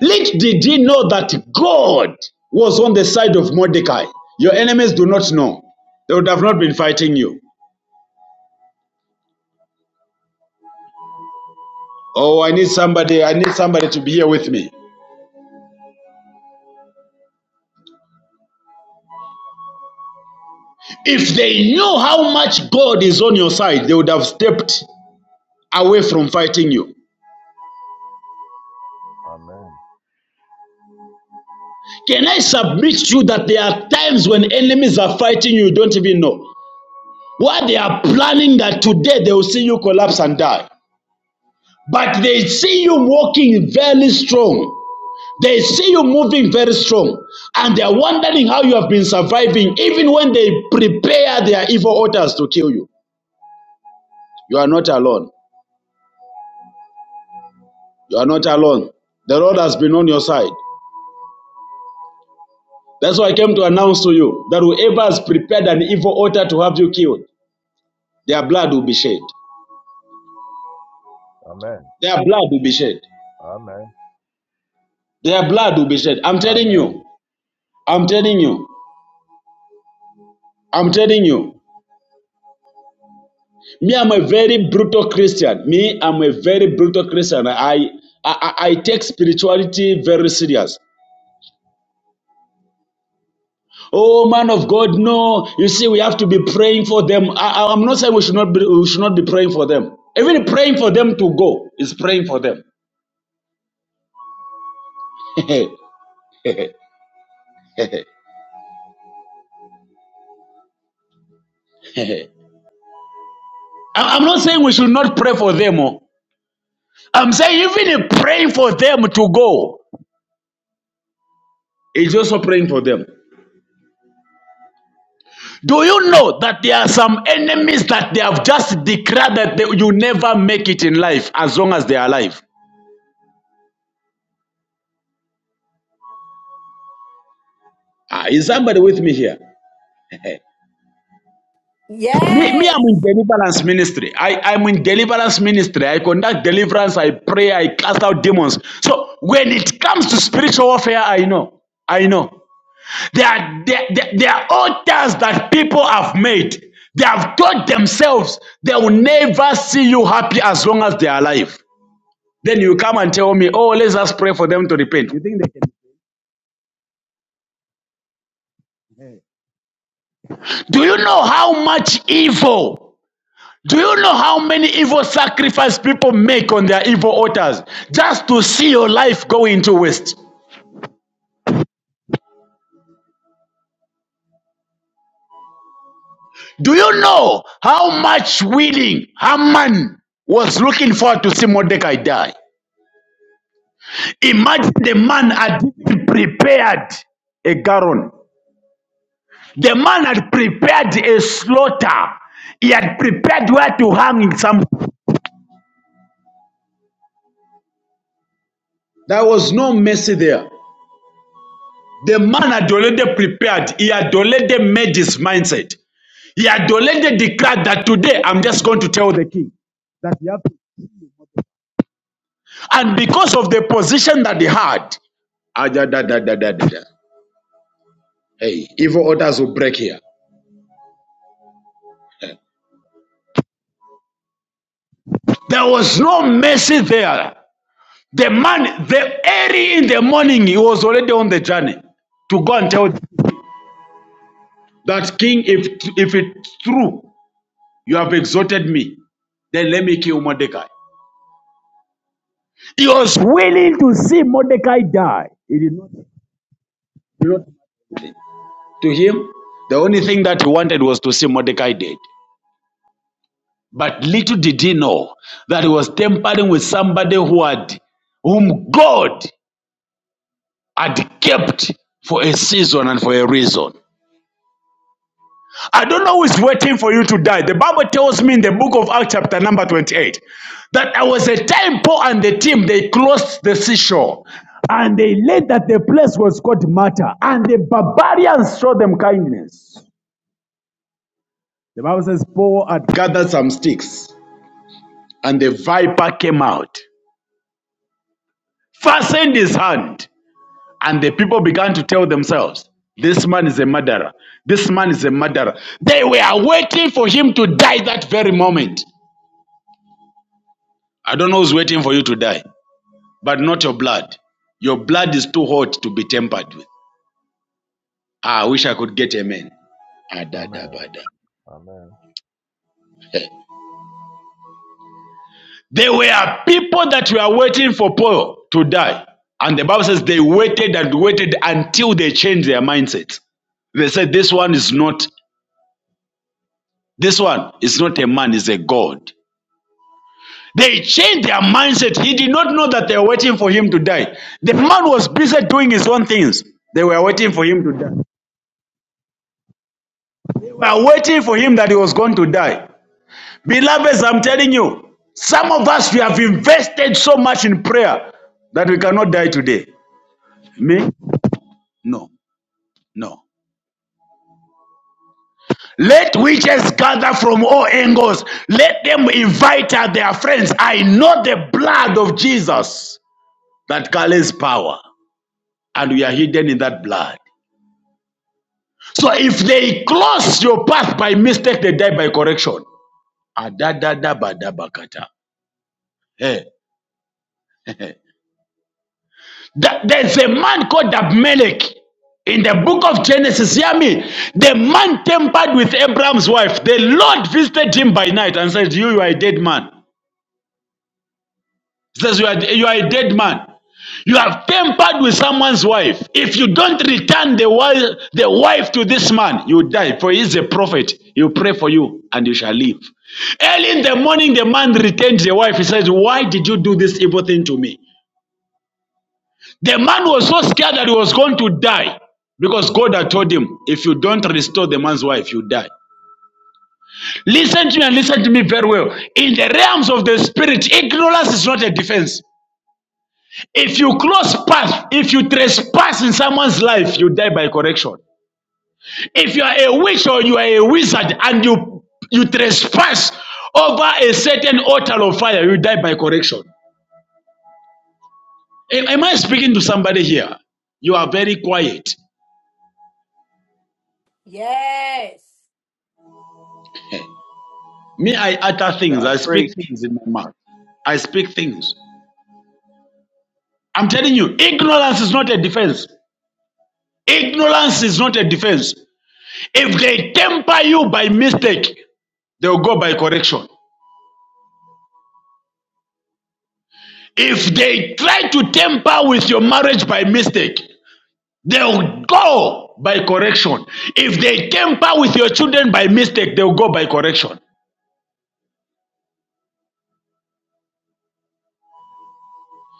[SPEAKER 4] Little did he know that God was on the side of Mordecai. Your enemies do not know. They would have not been fighting you. Oh, I need somebody, I need somebody to be here with me. If they knew how much God is on your side, they would have stepped away from fighting you.
[SPEAKER 2] Am-
[SPEAKER 4] Can I submit to you that there are times when enemies are fighting you, you don't even know? Why they are planning that today they will see you collapse and die. But they see you walking very strong. They see you moving very strong and they are wondering how you have been surviving, even when they prepare their evil altars to kill you. You are not alone. You are not alone. The Lord has been on your side. That's why I came to announce to you that whoever has prepared an evil altar to have you killed, their blood will be shed.
[SPEAKER 2] Amen.
[SPEAKER 4] Their blood will be shed.
[SPEAKER 2] Amen.
[SPEAKER 4] Their blood will be shed. I'm telling
[SPEAKER 2] Amen.
[SPEAKER 4] you. I'm telling you. I'm telling you. Me, I'm a very brutal Christian. Me, I'm a very brutal Christian. I I, I take spirituality very serious. Oh man of God, no! You see, we have to be praying for them. I, I- I'm not saying we should not be, we should not be praying for them. Even praying for them to go is praying for them. I- I'm not saying we should not pray for them. oh. I'm saying even in praying for them to go is also praying for them. Do you know that there are some enemies that they have just declared that they, you never make it in life as long as they are alive? Ah, is somebody with me here? Me, me I'm in
[SPEAKER 7] Yes.
[SPEAKER 4] deliverance ministry. I, I'm in deliverance ministry. I conduct deliverance, I pray, I cast out demons. So when it comes to spiritual warfare, I know. I know. There are, there, there, there are altars that people have made. They have taught themselves they will never see you happy as long as they are alive. Then you come and tell me, oh, let's just pray for them to repent. You think they can? Do you know how much evil? Do you know how many evil sacrifices people make on their evil altars just to see your life go into waste? Do you know how much willing Haman was looking forward to see Mordecai die? Imagine the man had prepared a garon. The man had prepared a slaughter. He had prepared where to hang some. There was no mercy there. The man had already prepared, he had already made his mindset. He had already declared that today I'm just going to tell the king that he had to. And because of the position that he had, ah, hey, evil orders will break here. There was no mercy there. The man, the early in the morning, he was already on the journey to go and tell that king if if it's true You have exalted me. Then let me kill Mordecai. He was willing to see Mordecai die. He did not. To him, the only thing that he wanted was to see Mordecai dead. But little did he know that he was tampering with somebody who had, whom God had kept for a season and for a reason. I don't know who's waiting for you to die. The Bible tells me in the book of Acts, chapter number 28, that there was a time Paul and the team they closed the seashore. And they learned that the place was called Mata, and the barbarians showed them kindness. The Bible says Paul had gathered some sticks, and the viper came out, fastened his hand, and the people began to tell themselves, This man is a murderer. This man is a murderer. They were waiting for him to die that very moment. I don't know who's waiting for you to die, but not your blood. Your blood is too hot to be tampered with. Ah, I wish I could get amen.
[SPEAKER 2] Amen.
[SPEAKER 4] Adadabada.
[SPEAKER 2] Amen.
[SPEAKER 4] Heh. There were people that were waiting for Paul to die. And the Bible says they waited and waited until they changed their mindset. They said, This one is not, this one is not a man, is a God. They changed their mindset. He did not know that they were waiting for him to die. The man was busy doing his own things. They were waiting for him to die. were waiting for him that he was going to die. Beloveds, I'm telling you, some of us we have invested so much in prayer that we cannot die today. Me? No, no. Let witches gather from all angles. Let them invite uh, their friends. I know the blood of Jesus that carries power, and we are hidden in that blood. So if they close your path by mistake, they die by correction. Adadadabadabakata. Hey. hey, hey. Th- There's a man called Abimelech in the book of Genesis. Hear me. The man tampered with Abraham's wife. The Lord visited him by night and said, You, you are a dead man. He says, You are, you are a dead man. You have tampered with someone's wife. If you don't return the wife, the wife to this man, you die. For he is a prophet. He'll pray for you and you shall live. Early in the morning, the man returned the wife. He said, Why did you do this evil thing to me? The man was so scared that he was going to die because God had told him, if you don't restore the man's wife, you die. Listen to me and listen to me very well. In the realms of the spirit, ignorance is not a defense. If you cross path, if you trespass in someone's life, you die by correction. If you are a witch or you are a wizard and you you trespass over a certain altar of fire, you die by correction. Am am I speaking to somebody here? You are very quiet.
[SPEAKER 7] Yes.
[SPEAKER 4] Me, I utter things.
[SPEAKER 1] God,
[SPEAKER 4] I
[SPEAKER 1] preach.
[SPEAKER 4] speak things in my mouth. I speak things. I'm telling you, ignorance is not a defense. Ignorance is not a defense. If they temper you by mistake, they'll go by correction. If they try to temper with your marriage by mistake, they'll go by correction. If they temper with your children by mistake, they'll go by correction.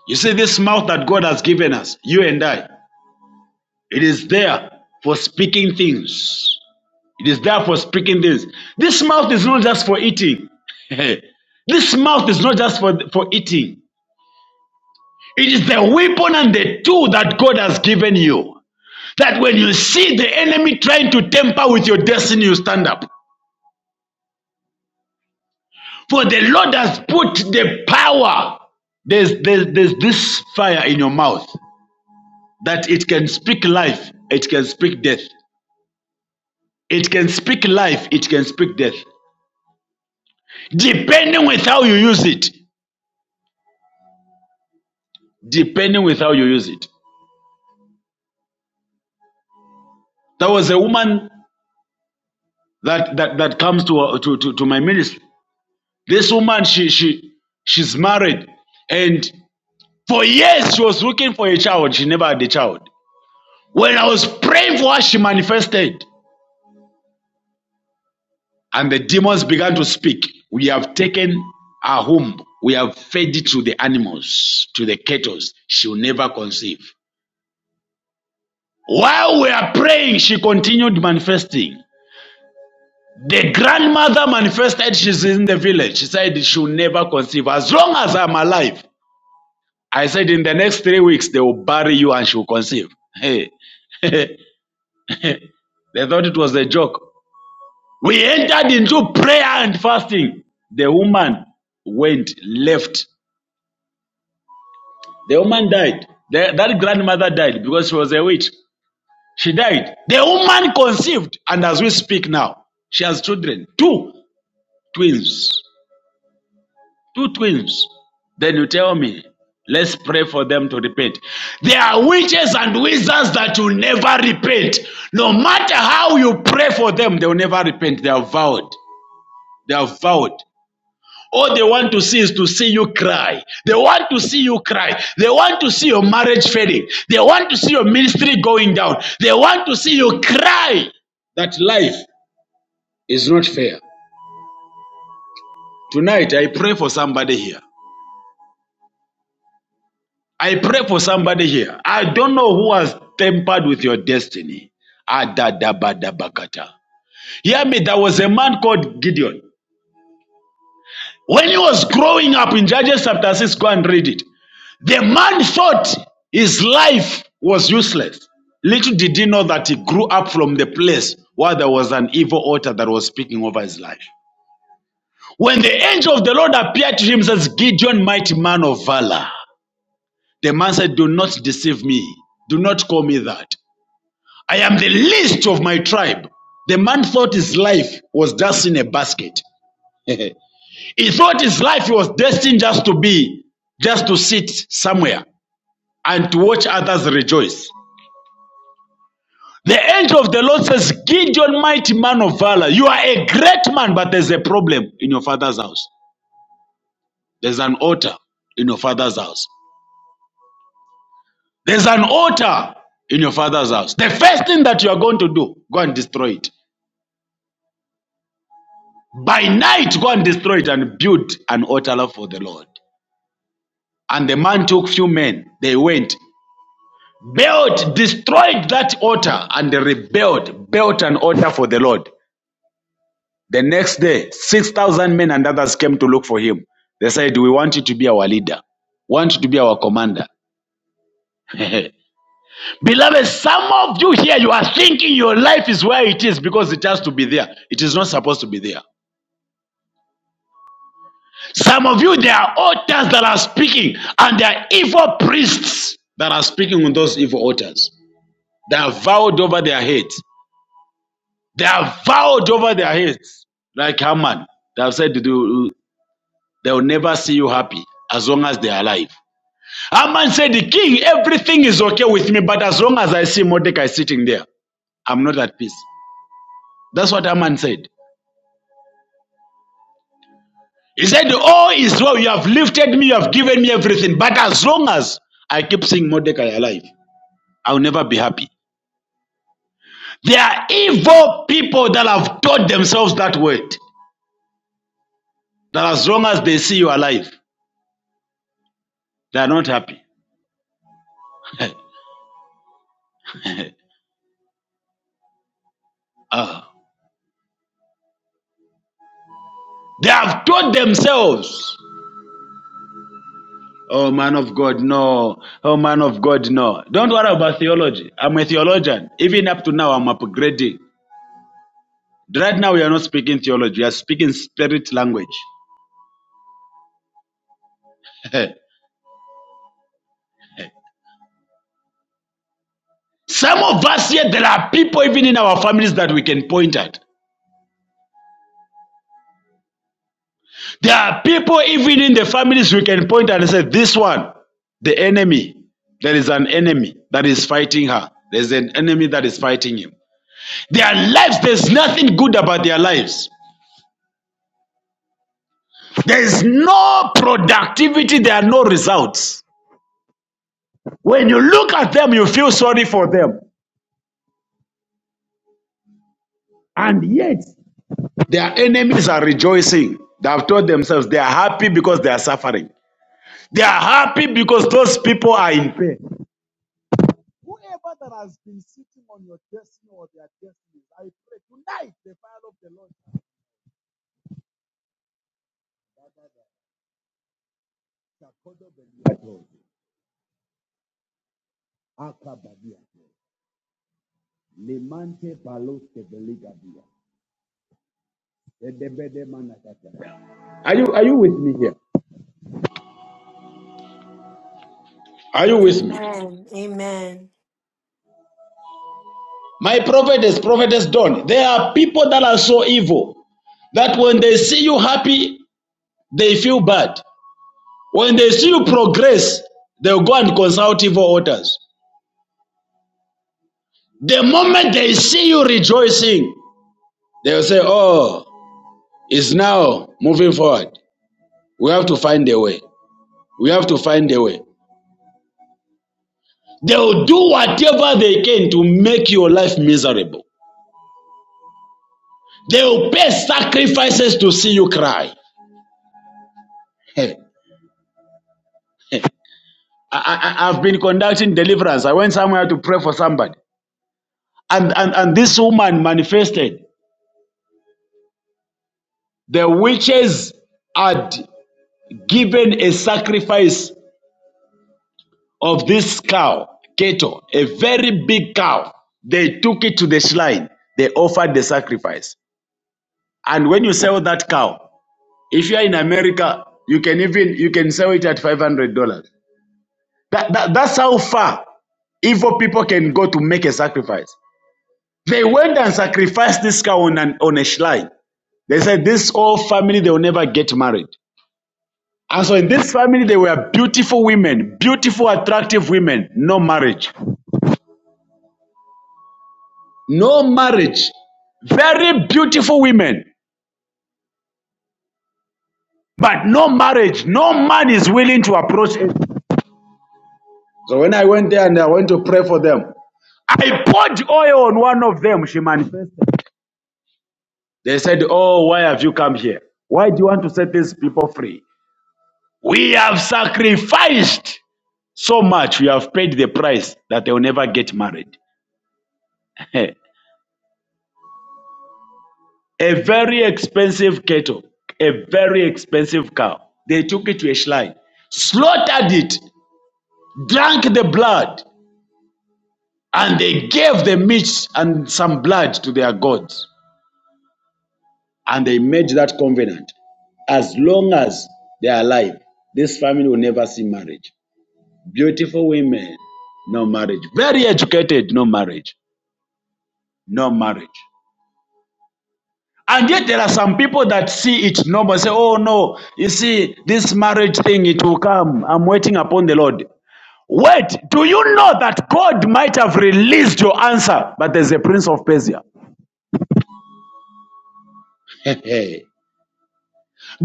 [SPEAKER 4] You see, this mouth that God has given us, you and I, it is there for speaking things. It is there for speaking things. This mouth is not just for eating. this mouth is not just for, for eating. It is the weapon and the tool that God has given you. That when you see the enemy trying to tamper with your destiny, you stand up. For the Lord has put the power. There's, there's, there's this fire in your mouth that it can speak life, it can speak death. It can speak life, it can speak death. Depending with how you use it. Depending with how you use it. There was a woman that that that comes to uh, to, to to my ministry. This woman, she she she's married, and for years she was looking for a child. She never had a child. When I was praying for her, she manifested, and the demons began to speak. We have taken her home. We have fed it to the animals, to the cattle. She will never conceive. While we are praying, she continued manifesting. The grandmother manifested she's in the village. She said she'll never conceive. As long as I'm alive, I said in the next three weeks they will bury you and she'll conceive. Hey. they thought it was a joke. We entered into prayer and fasting. The woman went, left. The woman died. The- that grandmother died because she was a witch. She died. The woman conceived, and as we speak now, she has children, two twins. Two twins. Then you tell me, let's pray for them to repent. There are witches and wizards that will never repent. No matter how you pray for them, they will never repent. They are vowed. They are vowed. All they want to see is to see you cry. They want to see you cry. They want to see your marriage failing. They want to see your ministry going down. They want to see you cry that life is not fair. Tonight, I pray for somebody here. I pray for somebody here. I don't know who has tampered with your destiny. Adadabadabakata. Hear me, there was a man called Gideon. When he was growing up in Judges chapter 6, go and read it. The man thought his life was useless. Little did he know that he grew up from the place where there was an evil altar that was speaking over his life. When the angel of the Lord appeared to him, says, Gideon, mighty man of valor. The man said, Do not deceive me. Do not call me that. I am the least of my tribe. The man thought his life was just in a basket. he thought his life was destined just to be, just to sit somewhere and to watch others rejoice. The angel of the Lord says, Gideon, mighty man of valor, you are a great man, but there's a problem in your father's house. There's an altar in your father's house. There's an altar in your father's house. The first thing that you are going to do, go and destroy it. By night, go and destroy it and build an altar for the Lord. And the man took few men. They went, built, destroyed that altar, and they rebuilt, built an altar for the Lord. The next day, 6,000 men and others came to look for him. They said, We want you to be our leader, want you to be our commander. Beloved, some of you here, you are thinking your life is where it is because it has to be there. It is not supposed to be there. Some of you, there are altars that are speaking, and there are evil priests that are speaking on those evil altars. They are vowed over their heads. They are vowed over their heads, like Haman. They have said they will never see you happy as long as they are alive. Haman said, The king, everything is okay with me, but as long as I see Mordecai sitting there, I'm not at peace. That's what Haman said. He said, Oh, Israel, you have lifted me, you have given me everything, but as long as I keep seeing Mordecai alive. I will never be happy. There are evil people that have taught themselves that word. That as long as they see you alive, they are not happy. Ah. They have taught themselves. Oh man of God, no. Oh man of God, no. Don't worry about theology. I'm a theologian. Even up to now, I'm upgrading. Right now, we are not speaking theology. We are speaking spirit language. Some of us here, there are people even in our families that we can point at. There are people, even in the families, we can point and say, This one, the enemy, there is an enemy that is fighting her. There's an enemy that is fighting him. Their lives, there's nothing good about their lives. There is no productivity, there are no results. When you look at them, you feel sorry for them. Their enemies are rejoicing. They have told themselves they are happy because they are suffering. They are happy because those people are in pain. Are you, are you with me here? Are you with me?
[SPEAKER 7] Amen. Amen.
[SPEAKER 4] My prophetess, prophetess Dawn, there are people that are so evil that when they see you happy, they feel bad. When they see you progress, they'll go and consult evil authors. The moment they see you rejoicing, they'll say, Oh, it's now moving forward. We have to find a way. We have to find a way. They'll do whatever they can to make your life miserable. They'll pay sacrifices to see you cry. I, I, I've been conducting deliverance. I went somewhere to pray for somebody. And, and, and this woman manifested. The witches had given a sacrifice of this cow, Keto, a very big cow. They took it to the shrine. They offered the sacrifice. And when you sell that cow, if you are in America, you can even you can sell it at five hundred dollars. That, that, that's how far evil people can go to make a sacrifice. They went and sacrificed this cow on, an, on a shrine. They said, This whole family, they will never get married. And so in this family, they were beautiful women, beautiful, attractive women, no marriage. No marriage. Very beautiful women, but no marriage. No man is willing to approach it. So when I went there and I went to pray for them, I poured oil on one of them. She manifested. They said, Oh, why have you come here? Why do you want to set these people free? We have sacrificed. so much you have paid the price that they will never get married. a very expensive cattle, a very expensive cow. They took it to a shrine, slaughtered it, drank the blood, and they gave the meat and some blood to their gods. And they made that covenant. As long as they are alive, this family will never see marriage. Beautiful women, no marriage. Very educated, no marriage. No marriage. And yet there are some people that see it normal, say, oh no, you see, this marriage thing, it will come. I'm waiting upon the Lord. Wait, do you know that God might have released your answer, but there's a prince of Persia?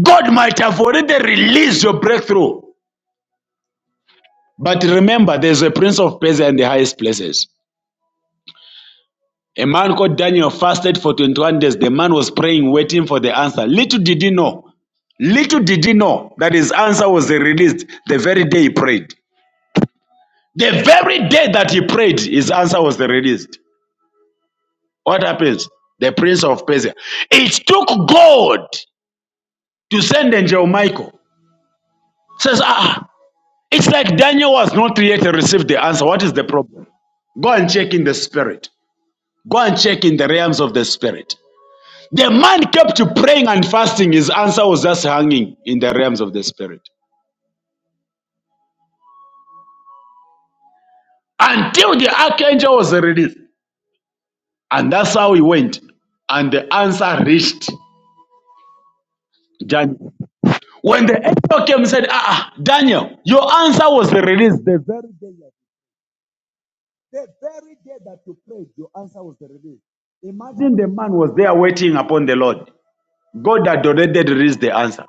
[SPEAKER 4] God might have already released your breakthrough. But remember, there's a prince of Persia in the highest places. A man called Daniel fasted for 21 days. The man was praying, waiting for the answer. Little did he know, little did he know that his answer was released the very day he prayed. The very day that he prayed, his answer was released. What happens? The prince of Persia. It took God to send angel Michael. Says, ah, ah." it's like Daniel was not yet received the answer. What is the problem? Go and check in the spirit. Go and check in the realms of the spirit. The man kept praying and fasting. His answer was just hanging in the realms of the spirit until the archangel was released. And that's how he went. And the answer reached Daniel. When the angel came and said, Ah, ah, Daniel, your answer was released the very day. The very day that you prayed, your answer was released. Imagine the man was there waiting upon the Lord. God had already released the answer.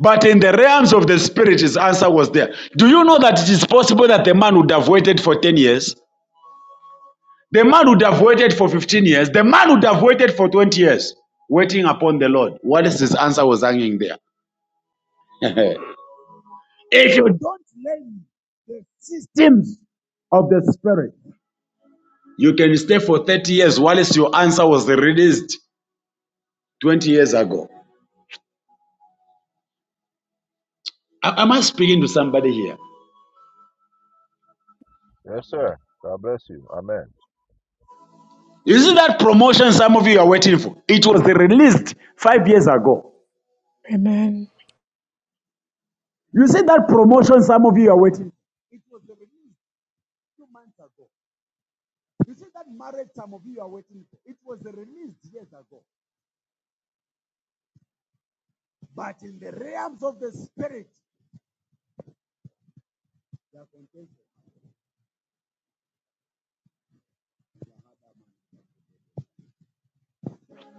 [SPEAKER 4] But in the realms of the spirit, his answer was there. Do you know that it is possible that the man would have waited for 10 years? The man would have waited for 15 years. The man would have waited for 20 years, waiting upon the Lord. What is his answer was hanging there? if you don't learn the systems You can stay for 30 years whilst your answer was released 20 years ago. A- Am I speaking to somebody here?
[SPEAKER 2] Yes, sir. God bless you. Amen.
[SPEAKER 4] You see that promotion some of you are waiting for? It was released five years ago.
[SPEAKER 8] Amen.
[SPEAKER 4] You see that promotion some of you are waiting for?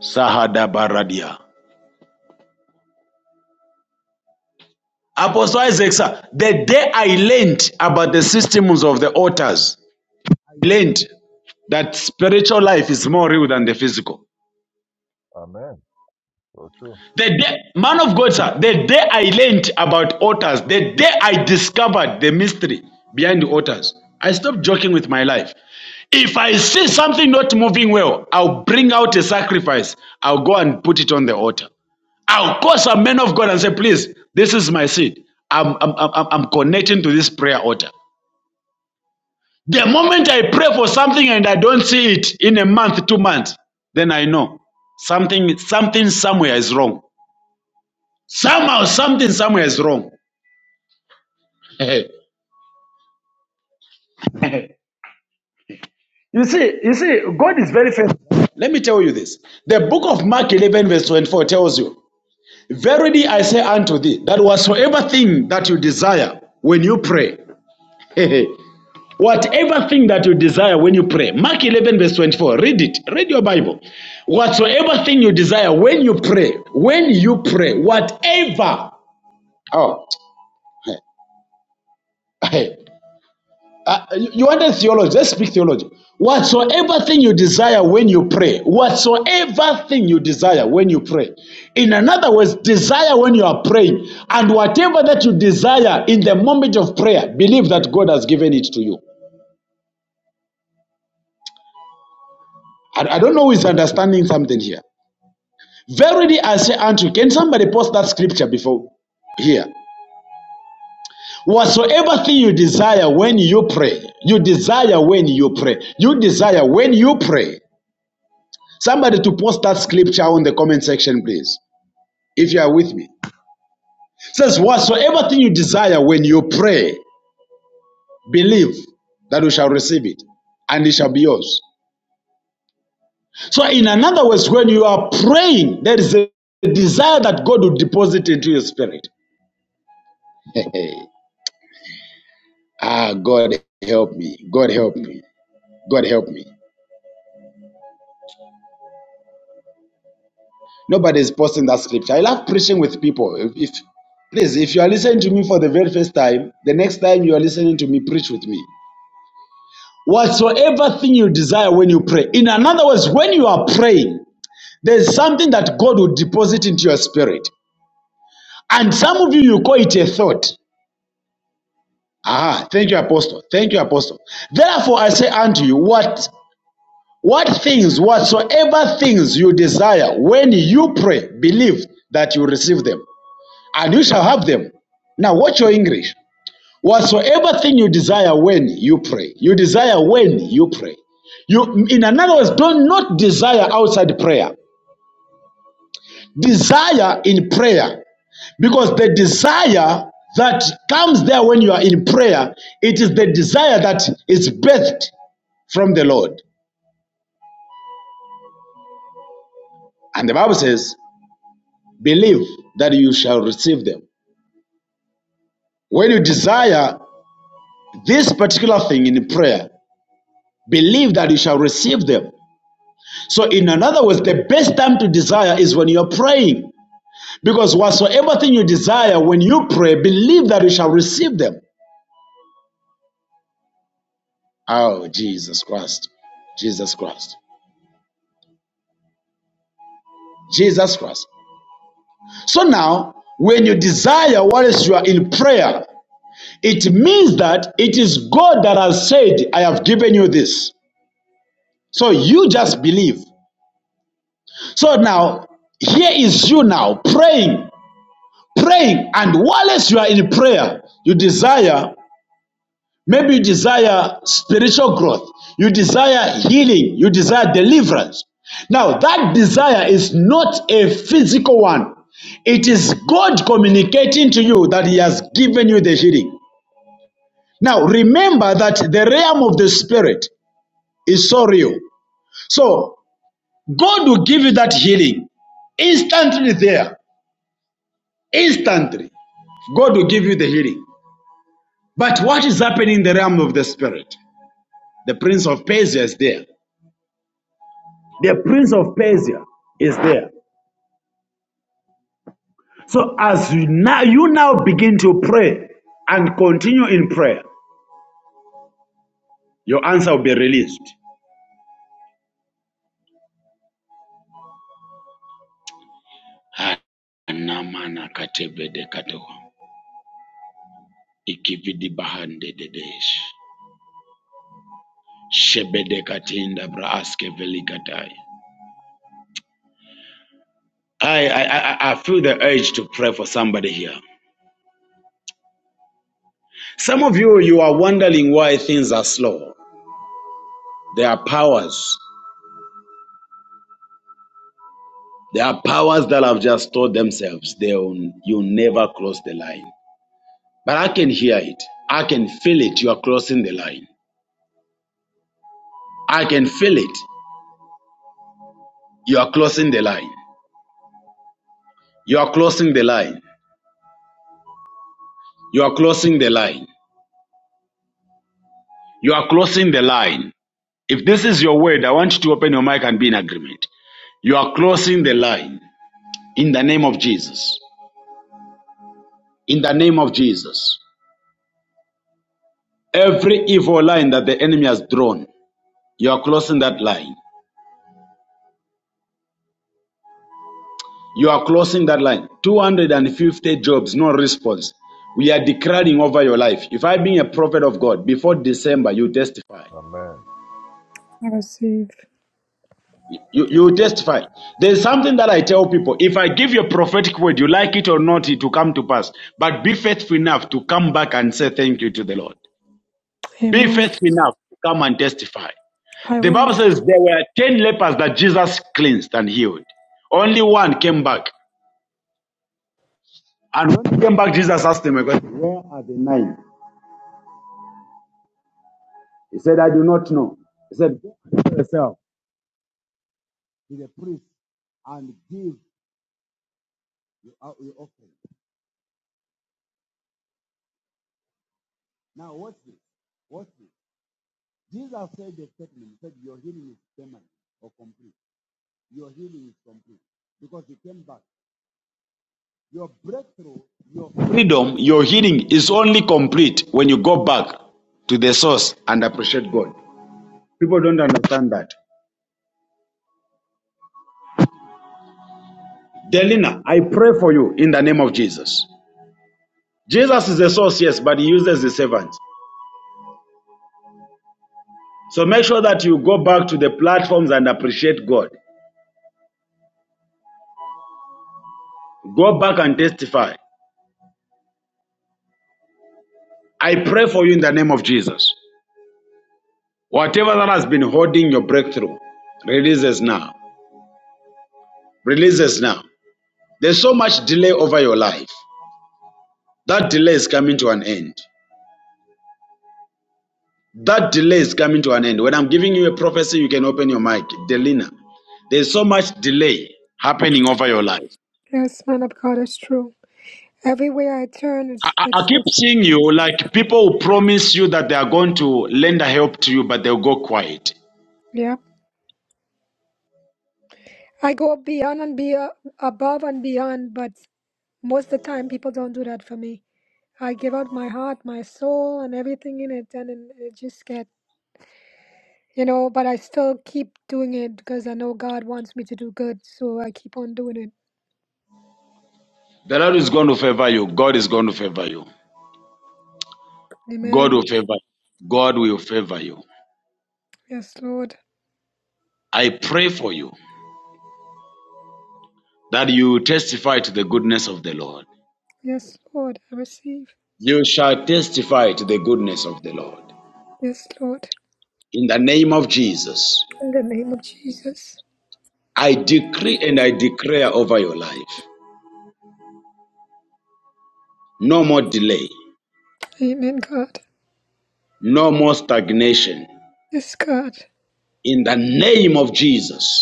[SPEAKER 4] Sahada Baradia. Apostle Isaac, sir, the day I learned about the systems of the altars, I learned that spiritual life is more real than the physical.
[SPEAKER 2] Amen.
[SPEAKER 4] The day, man of God, sir, the day I learned about altars, the day I discovered the mystery behind the altars, I stopped joking with my life. If I see something not moving well, I'll bring out a sacrifice. I'll go and put it on the altar. I'll call some men of God and say, please, this is my seed. I'm, I'm, I'm, I'm connecting to this prayer altar. The moment I pray for something and I don't see it in a month, two months, then I know something, something somewhere is wrong. Somehow, something somewhere is wrong. you see, you see, God is very faithful. Let me tell you this. The book of Mark 11, verse 24 tells you, Verily I say unto thee, that whatsoever thing that you desire when you pray, whatever thing that you desire when you pray, Mark 11, verse 24, read it, read your Bible. Whatsoever thing you desire when you pray, when you pray, whatever. Oh, Uh, you you wanted theology. Let's speak theology. Whatsoever thing you desire when you pray, whatsoever thing you desire when you pray. In another words, desire when you are praying. And whatever that you desire in the moment of prayer, believe that God has given it to you. I, I don't know who is understanding something here. Verily I say unto you, can somebody post that scripture before here? Whatsoever thing you desire when you pray, you desire when you pray, you desire when you pray. Somebody to post that scripture on the comment section, please, if you are with me. It says, Whatsoever thing you desire when you pray, believe that you shall receive it, and it shall be yours. So, in another words, when you are praying, there is a desire that God will deposit into your spirit. ah, God help me. God help me. God help me. Nobody is posting that scripture. I love preaching with people. If, if please, if you are listening to me for the very first time, the next time you are listening to me, preach with me. whatsoever thing you desire when you pray. In another words, when you are praying, there's something that God will deposit into your spirit. And some of you, you call it a thought. Ah, thank you, Apostle. Thank you, Apostle. Therefore, I say unto you, what what things, whatsoever things you desire, when you pray, believe that you receive them, and you shall have them. Now, watch your English. Whatsoever thing you desire when you pray, you desire when you pray. You, in another words, do not desire outside prayer. Desire in prayer, because the desire that comes there when you are in prayer, it is the desire that is birthed from the Lord. And the Bible says, "Believe that you shall receive them." When you desire this particular thing in prayer, believe that you shall receive them So, in another words, the best time to desire is when you're praying. Because whatsoever thing you desire when you pray, believe that you shall receive them. Oh, Jesus Christ. Jesus Christ. Jesus Christ. So now, when you desire whilst you are in prayer, it means that it is God that has said, I have given you this. So you just believe. So now, here is you now praying, praying, and whilst you are in prayer, you desire Maybe you desire spiritual growth, you desire healing, you desire deliverance. Now, that desire is not a physical one, it is God communicating to you that He has given you the healing. Now, remember that the realm of the spirit is so real. So, God will give you that healing instantly there, instantly. God will give you the healing. But what is happening in the realm of the spirit? The prince of Persia is there. The prince of Persia is there. So as you now you now begin to pray and continue in prayer, your answer will be released. I, I, I, I I feel the urge to pray for somebody here. Some of you, you are wondering why things are slow. There are powers. There are powers that have just told themselves they will, you never cross the line. But I can hear it. I can feel it. You are crossing the line. I can feel it. You are crossing the line. You are crossing the line. You are crossing the line. You are crossing the line. If this is your word, I want you to open your mic and be in agreement. You are crossing the line in the name of Jesus. In the name of Jesus. Every evil line that the enemy has drawn, you are crossing that line. You are crossing that line. 250 jobs, no response. We are declaring over your life. If I being a prophet of God, before December, you testify.
[SPEAKER 8] I receive.
[SPEAKER 4] You, you testify. There's something that I tell people. If I give you a prophetic word, you like it or not, it will come to pass. But be faithful enough to come back and say thank you to the Lord. Be
[SPEAKER 8] Amen.
[SPEAKER 4] faithful enough to come and testify.
[SPEAKER 8] I
[SPEAKER 4] The
[SPEAKER 8] will.
[SPEAKER 4] Bible says there were 10 lepers that Jesus cleansed and healed. Only one came back. And when he came back, Jesus asked him, freedom, your healing is only complete when you go back to the source and appreciate God. People don't understand that. Delina, I pray for you in the name of Jesus. Jesus is the source, yes, but he uses the servants. So make sure that you go back to the platforms and appreciate God. Go back and testify. I pray for you in the name of Jesus. Whatever that has been holding your breakthrough, releases now. Releases now. There's so much delay over your life. That delay is coming to an end. That delay is coming to an end. When I'm giving you a prophecy, you can open your mic. Delina, there's so much delay happening over your life.
[SPEAKER 8] Yes, man of God, it's true. Everywhere I turn,
[SPEAKER 4] I,
[SPEAKER 8] it's
[SPEAKER 4] I I
[SPEAKER 8] it's
[SPEAKER 4] keep
[SPEAKER 8] it's
[SPEAKER 4] seeing you like people who promise you that they are going to lend a help to you, but they'll go quiet.
[SPEAKER 8] yeah. I go beyond and be uh, above and beyond, but most of the time people don't do that for me. I give out my heart, my soul, and everything in it, and then it just get you know. But I still keep doing it because I know God wants me to do good, so I keep on doing it.
[SPEAKER 4] The Lord is going to favor you. God is going to favor you. God will
[SPEAKER 8] Amen.
[SPEAKER 4] favor you. God will favor you.
[SPEAKER 8] Yes, Lord.
[SPEAKER 4] I pray for you that you testify to the goodness of the Lord.
[SPEAKER 8] Yes, Lord. I receive.
[SPEAKER 4] You shall testify to the goodness of the Lord.
[SPEAKER 8] Yes, Lord.
[SPEAKER 4] In the name of Jesus.
[SPEAKER 8] In the name of Jesus.
[SPEAKER 4] I decree and I declare over your life no more delay,
[SPEAKER 8] Amen, God.
[SPEAKER 4] no more stagnation.
[SPEAKER 8] Yes, God.
[SPEAKER 4] In the name of Jesus,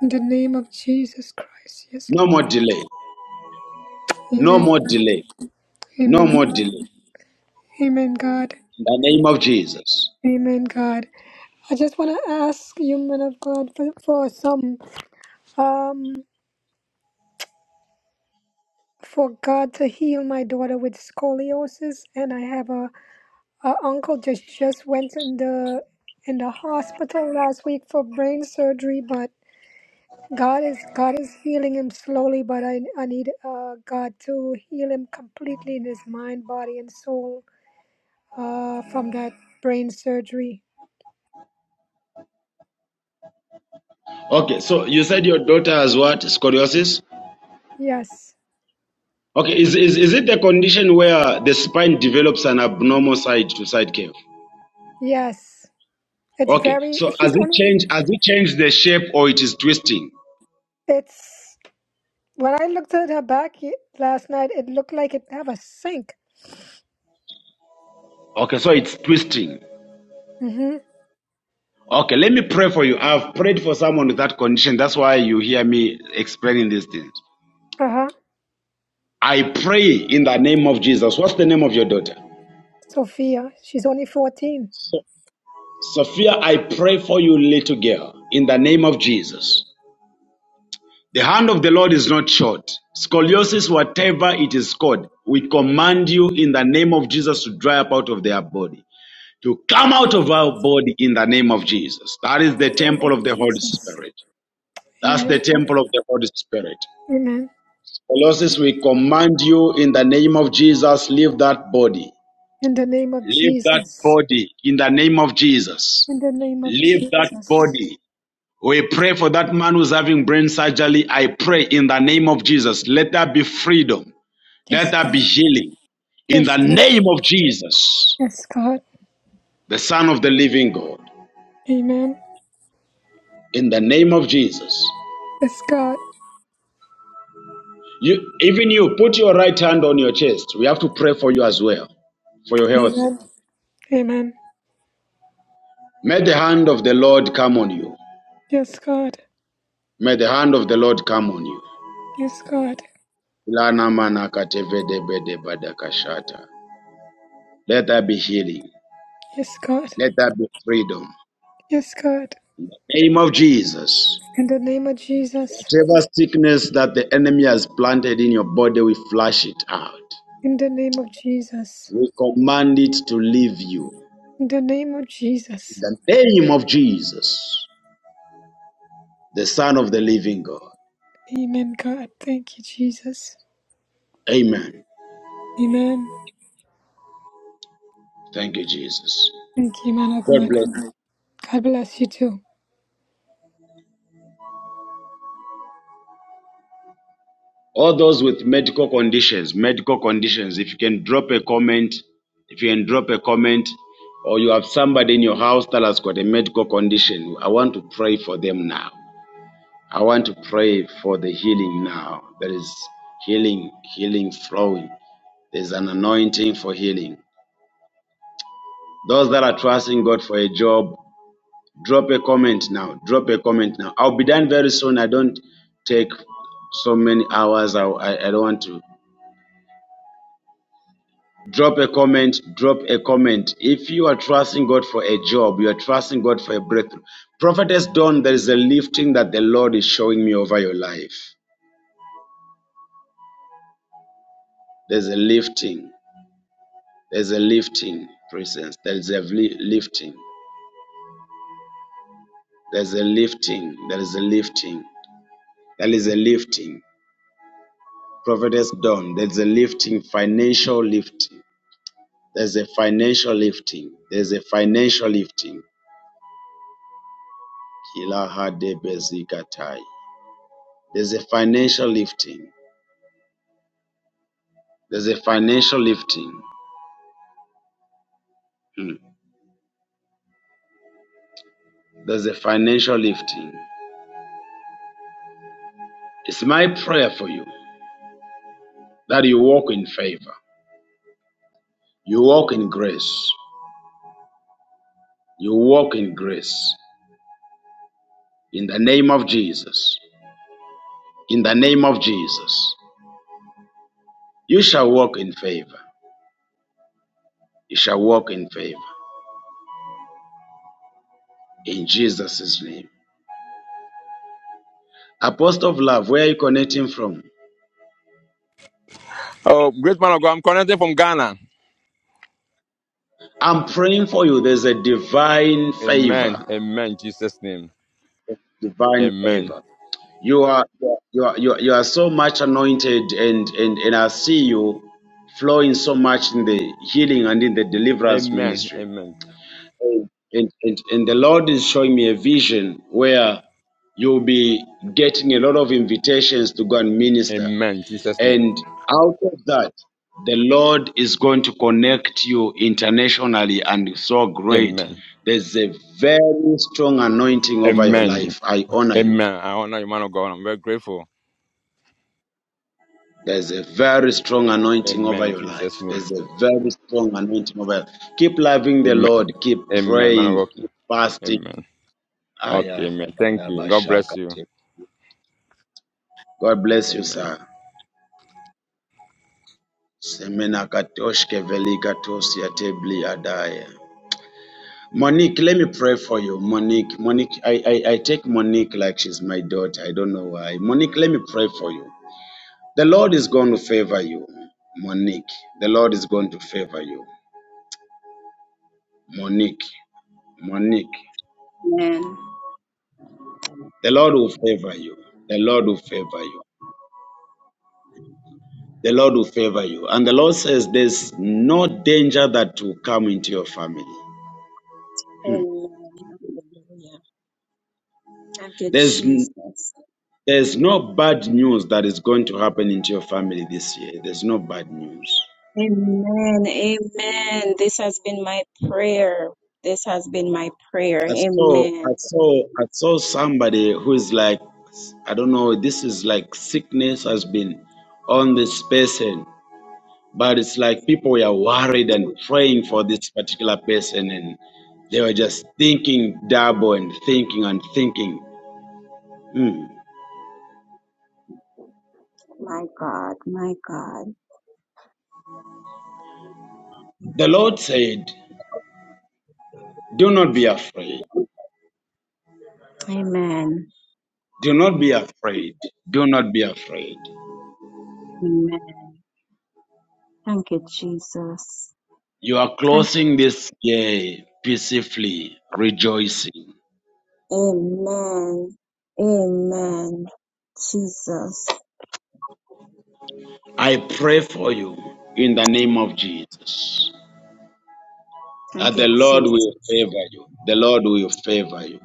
[SPEAKER 8] In the name of Jesus Christ. Yes,
[SPEAKER 4] no
[SPEAKER 8] Lord.
[SPEAKER 4] more delay, no
[SPEAKER 8] Amen.
[SPEAKER 4] more delay, no
[SPEAKER 8] Amen.
[SPEAKER 4] more
[SPEAKER 8] God.
[SPEAKER 4] delay.
[SPEAKER 8] Amen, God.
[SPEAKER 4] In the name of Jesus.
[SPEAKER 8] Amen, God. I just want to ask you, man of God, for, for some, um, for God to heal my daughter with scoliosis. And I have a, a uncle just just went in the in the hospital last week for brain surgery, but God is God is healing him slowly, but I I need uh, God to heal him completely in his mind, body, and soul uh, from that brain surgery.
[SPEAKER 4] Okay, so you said your daughter has what? Scoliosis?
[SPEAKER 8] Yes,
[SPEAKER 4] Okay, is, is, is it the condition where the spine develops an abnormal side to side curve?
[SPEAKER 8] yes, it's
[SPEAKER 4] Okay,
[SPEAKER 8] very.
[SPEAKER 4] so has
[SPEAKER 8] She's
[SPEAKER 4] it
[SPEAKER 8] only.
[SPEAKER 4] changed? Has it changed the shape or it is twisting?
[SPEAKER 8] It's when I looked at her back y- last night, it looked like it have a sink.
[SPEAKER 4] Okay, so it's twisting.
[SPEAKER 8] Mm-hmm.
[SPEAKER 4] Okay, let me pray for you. I've prayed for someone with that condition. That's why you hear me explaining these things.
[SPEAKER 8] Uh huh.
[SPEAKER 4] I pray in the name of Jesus. What's the name of your daughter?
[SPEAKER 8] Sophia, she's only fourteen.
[SPEAKER 4] So- Sophia, I pray for you, little girl, in the name of Jesus. The hand of the Lord is not short. Scoliosis, whatever it is called, we command you in the name of Jesus to dry up out of their body, to come out of our body in the name of Jesus. That is
[SPEAKER 8] In
[SPEAKER 4] the
[SPEAKER 8] the name
[SPEAKER 4] temple
[SPEAKER 8] of
[SPEAKER 4] of the Holy
[SPEAKER 8] Jesus.
[SPEAKER 4] Spirit. That's the
[SPEAKER 8] Amen.
[SPEAKER 4] temple of the Holy Spirit.
[SPEAKER 8] Amen.
[SPEAKER 4] Colossus, we command you in the name of Jesus, leave that body.
[SPEAKER 8] In the name of
[SPEAKER 4] Leave that
[SPEAKER 8] Jesus.
[SPEAKER 4] body in the name of Jesus.
[SPEAKER 8] In the name of
[SPEAKER 4] Leave that
[SPEAKER 8] Jesus.
[SPEAKER 4] body. We pray for that man who's having brain surgery. I pray in the name of Jesus. Let there be freedom. Let
[SPEAKER 8] Yes,
[SPEAKER 4] there be
[SPEAKER 8] God.
[SPEAKER 4] healing. In
[SPEAKER 8] Yes,
[SPEAKER 4] the
[SPEAKER 8] God.
[SPEAKER 4] name of Jesus,
[SPEAKER 8] Yes, God.
[SPEAKER 4] the Son of the Living God.
[SPEAKER 8] Amen.
[SPEAKER 4] In the name of Jesus.
[SPEAKER 8] Yes, God.
[SPEAKER 4] You, even you, put your right hand on your chest. We have to pray for you as well, for your health.
[SPEAKER 8] Amen. Amen.
[SPEAKER 4] May the hand of the Lord come on you.
[SPEAKER 8] Yes, God.
[SPEAKER 4] May the hand of the Lord come on you.
[SPEAKER 8] Yes, God.
[SPEAKER 4] Let there be healing.
[SPEAKER 8] Yes, God.
[SPEAKER 4] Let there be freedom.
[SPEAKER 8] Yes, God.
[SPEAKER 4] In the Name of Jesus.
[SPEAKER 8] In the name of Jesus.
[SPEAKER 4] Whatever sickness that the enemy has planted in your body, we flush it out.
[SPEAKER 8] In the name of Jesus.
[SPEAKER 4] We command it to leave you.
[SPEAKER 8] In the name of
[SPEAKER 4] In
[SPEAKER 8] Jesus.
[SPEAKER 4] the name of Jesus, the Son of the Living God.
[SPEAKER 8] Amen, God. Thank you, Jesus.
[SPEAKER 4] Amen.
[SPEAKER 8] Amen.
[SPEAKER 4] Thank you, Jesus.
[SPEAKER 8] Thank you, man of
[SPEAKER 4] God bless. you.
[SPEAKER 8] God. God bless you too.
[SPEAKER 4] All those with medical conditions, medical conditions, if you can drop a comment, if you can drop a comment, or you have somebody in your house that has got a medical condition, I want to pray for them now. I want to pray for the healing now. There is healing, healing flowing. There's an anointing for healing. Those that are trusting God for a job, drop a comment now. Drop a comment now. I'll be done very soon. I don't take so many hours. I, I, I don't want to Drop a comment. Drop a comment. If you are trusting God for a job, you are trusting God for a breakthrough. Prophetess Dawn, there is a lifting that the Lord is showing me over your life. There's a lifting. There's a lifting, presence. There is a li- lifting. There's a lifting. There is a lifting. There is a lifting. Prophetess Dawn, there's a lifting, financial lifting. There's a financial lifting. There's a financial lifting. Kila hade bezikatai. There's a financial lifting. There's a financial lifting. Mm. There's a financial lifting. It's my prayer for you that you walk in favor, you walk in grace, you walk in grace in the name of Jesus. In the name of Jesus, you shall walk in favor. You shall walk in favor in Jesus' name. Apostle of love, where are you connecting from?
[SPEAKER 9] Oh, great man of God. I'm connecting from Ghana.
[SPEAKER 4] I'm praying for you. There's a divine
[SPEAKER 9] Amen.
[SPEAKER 4] favor.
[SPEAKER 9] Amen. Jesus' name.
[SPEAKER 4] Divine
[SPEAKER 9] Amen.
[SPEAKER 4] favor. You are you are you are, you are so much anointed and, and and I see you flowing so much in the healing and in the deliverance
[SPEAKER 9] Amen.
[SPEAKER 4] ministry.
[SPEAKER 9] Amen.
[SPEAKER 4] And and, and the Lord is showing me a vision where you'll be getting a lot of invitations to go and minister.
[SPEAKER 9] Amen. Jesus' name.
[SPEAKER 4] And out of that, the Lord is going to connect you internationally and so great.
[SPEAKER 9] Amen.
[SPEAKER 4] There's a very strong anointing over your
[SPEAKER 9] Amen.
[SPEAKER 4] life. I honor you.
[SPEAKER 9] Amen. I honor you, man of God. I'm very grateful.
[SPEAKER 4] There's a very strong
[SPEAKER 9] A-
[SPEAKER 4] anointing over
[SPEAKER 9] Amen.
[SPEAKER 4] your life.
[SPEAKER 9] Jesus' name.
[SPEAKER 4] There's a very strong anointing over your life. Keep loving the
[SPEAKER 9] Amen.
[SPEAKER 4] Lord. Keep
[SPEAKER 9] Amen. Man of
[SPEAKER 4] praying.
[SPEAKER 9] God.
[SPEAKER 4] Keep fasting.
[SPEAKER 9] Amen. Okay, amen. Thank you. God bless you.
[SPEAKER 4] Ayakabadabashakate. God bless you,
[SPEAKER 9] Amen.
[SPEAKER 4] sir. Semenakatoshke velikatos yatebli adaya. Monique, let me pray for you. Monique, Monique, I, I, I take Monique like she's my daughter. I don't know why. Monique, let me pray for you. The Lord is going to favor you, Monique. The Lord is going to favor you, Monique. Monique,
[SPEAKER 6] Amen.
[SPEAKER 4] the Lord will favor you. The Lord will favor you. The Lord will favor you. And the Lord says there's no danger that will come into your family.
[SPEAKER 6] Amen. Hallelujah. Thank you,
[SPEAKER 4] There's n-
[SPEAKER 6] Jesus.
[SPEAKER 4] there's no bad news that is going to happen into your family this year. There's no bad news.
[SPEAKER 6] Amen. Amen. This has been my prayer. This has been my prayer.
[SPEAKER 4] I saw I
[SPEAKER 6] Amen.
[SPEAKER 4] saw I saw somebody who is like I don't know, this is like sickness has been on this person But it's like people were worried and praying for this particular person, and they were just thinking double and thinking and thinking. Hmm.
[SPEAKER 6] My God. My God.
[SPEAKER 4] The Lord said, Do not be afraid.
[SPEAKER 6] Amen.
[SPEAKER 4] Do not be afraid. Do not be afraid.
[SPEAKER 6] Amen. Thank you, Jesus.
[SPEAKER 4] You are
[SPEAKER 6] Thank
[SPEAKER 4] closing this year peacefully, rejoicing.
[SPEAKER 6] Amen. Amen. Jesus.
[SPEAKER 4] I pray for you in the name of Jesus
[SPEAKER 6] Thank
[SPEAKER 4] that
[SPEAKER 6] you,
[SPEAKER 4] the Lord will
[SPEAKER 6] Jesus.
[SPEAKER 4] favor you. The Lord will favor you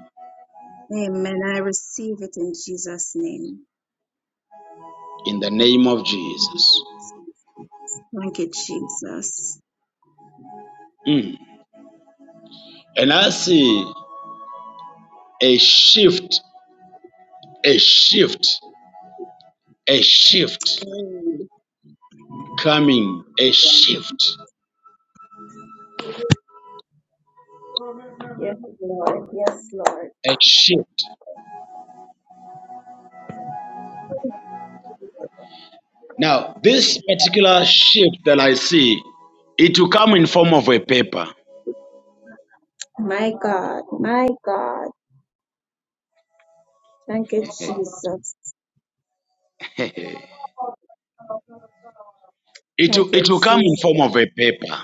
[SPEAKER 6] Amen. I receive it in Jesus' name.
[SPEAKER 4] in the name of Jesus.
[SPEAKER 6] Thank you, Jesus.
[SPEAKER 4] Mm. And I see. a shift, a shift, a shift
[SPEAKER 6] Amen.
[SPEAKER 4] coming, a shift,
[SPEAKER 6] Yes, Lord. Yes, Lord.
[SPEAKER 4] a shift. Now, this particular shift that I see, it will come in form of a paper.
[SPEAKER 6] My God. My God. Thank you, Jesus.
[SPEAKER 4] It
[SPEAKER 6] Thank
[SPEAKER 4] will,
[SPEAKER 6] you,
[SPEAKER 4] it will come in
[SPEAKER 6] Jesus.
[SPEAKER 4] form of a paper.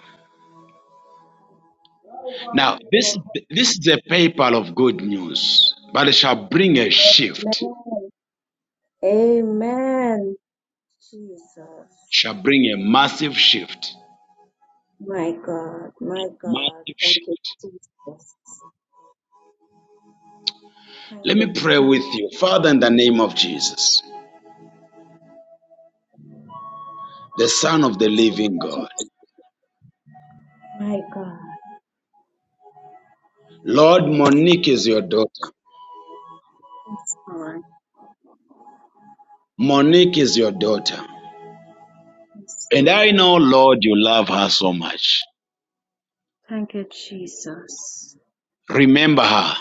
[SPEAKER 4] Now, this this is a paper of good news, but it shall bring a shift.
[SPEAKER 6] Amen. Amen. Jesus.
[SPEAKER 4] Shall bring a massive shift.
[SPEAKER 6] My God. My God.
[SPEAKER 4] Massive
[SPEAKER 6] Thank you,
[SPEAKER 4] shift.
[SPEAKER 6] Jesus. Thank
[SPEAKER 4] Let me
[SPEAKER 6] you,
[SPEAKER 4] pray with you, Father, in the name of Jesus, the Son of the
[SPEAKER 6] Jesus.
[SPEAKER 4] Living God.
[SPEAKER 6] My God.
[SPEAKER 4] Lord, Monique is your daughter.
[SPEAKER 6] Yes, Lord.
[SPEAKER 4] Monique is your daughter.
[SPEAKER 6] Yes,
[SPEAKER 4] And I
[SPEAKER 6] Lord.
[SPEAKER 4] know, Lord, you love her so much.
[SPEAKER 6] Thank you, Jesus.
[SPEAKER 4] Remember her.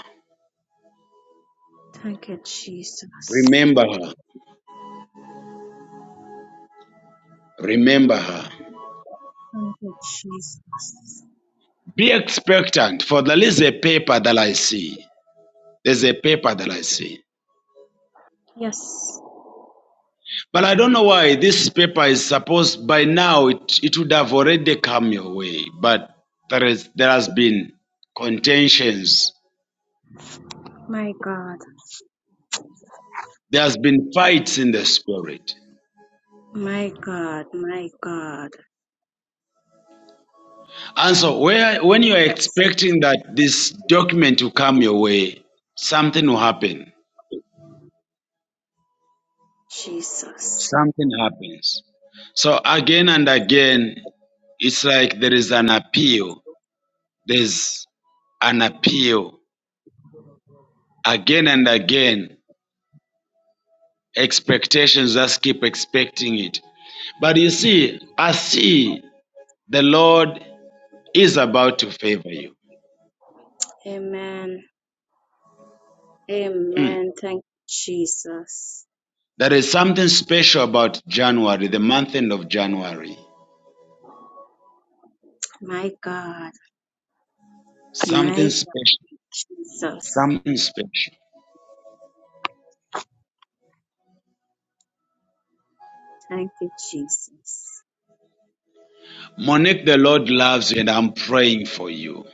[SPEAKER 6] Thank you, Jesus.
[SPEAKER 4] Remember her. Remember her.
[SPEAKER 6] Thank you, Jesus.
[SPEAKER 4] Be expectant, for there is a paper that I see. There's a paper that I see.
[SPEAKER 6] Yes,
[SPEAKER 4] But I don't know why this paper is supposed by now it, it would have already come your way. But there is there has been contentions.
[SPEAKER 6] my God.
[SPEAKER 4] There has been fights in the spirit.
[SPEAKER 6] My God. My God.
[SPEAKER 4] And so, where when you are expecting
[SPEAKER 6] Yes,
[SPEAKER 4] that this document to come your way, something will happen.
[SPEAKER 6] Jesus.
[SPEAKER 4] Something happens. So again and again, it's like there is an appeal. There's an appeal again and again. Expectations just keep expecting it. But you see, I see the Lord is about to favor you.
[SPEAKER 6] Amen.
[SPEAKER 4] Hmm.
[SPEAKER 6] Amen. Thank you, Jesus.
[SPEAKER 4] There is something special about January, the month end of January.
[SPEAKER 6] My God. My
[SPEAKER 4] Something
[SPEAKER 6] God,
[SPEAKER 4] special.
[SPEAKER 6] Jesus.
[SPEAKER 4] Something special.
[SPEAKER 6] Thank you, Jesus.
[SPEAKER 4] Monique, the Lord loves you, and I'm praying for you.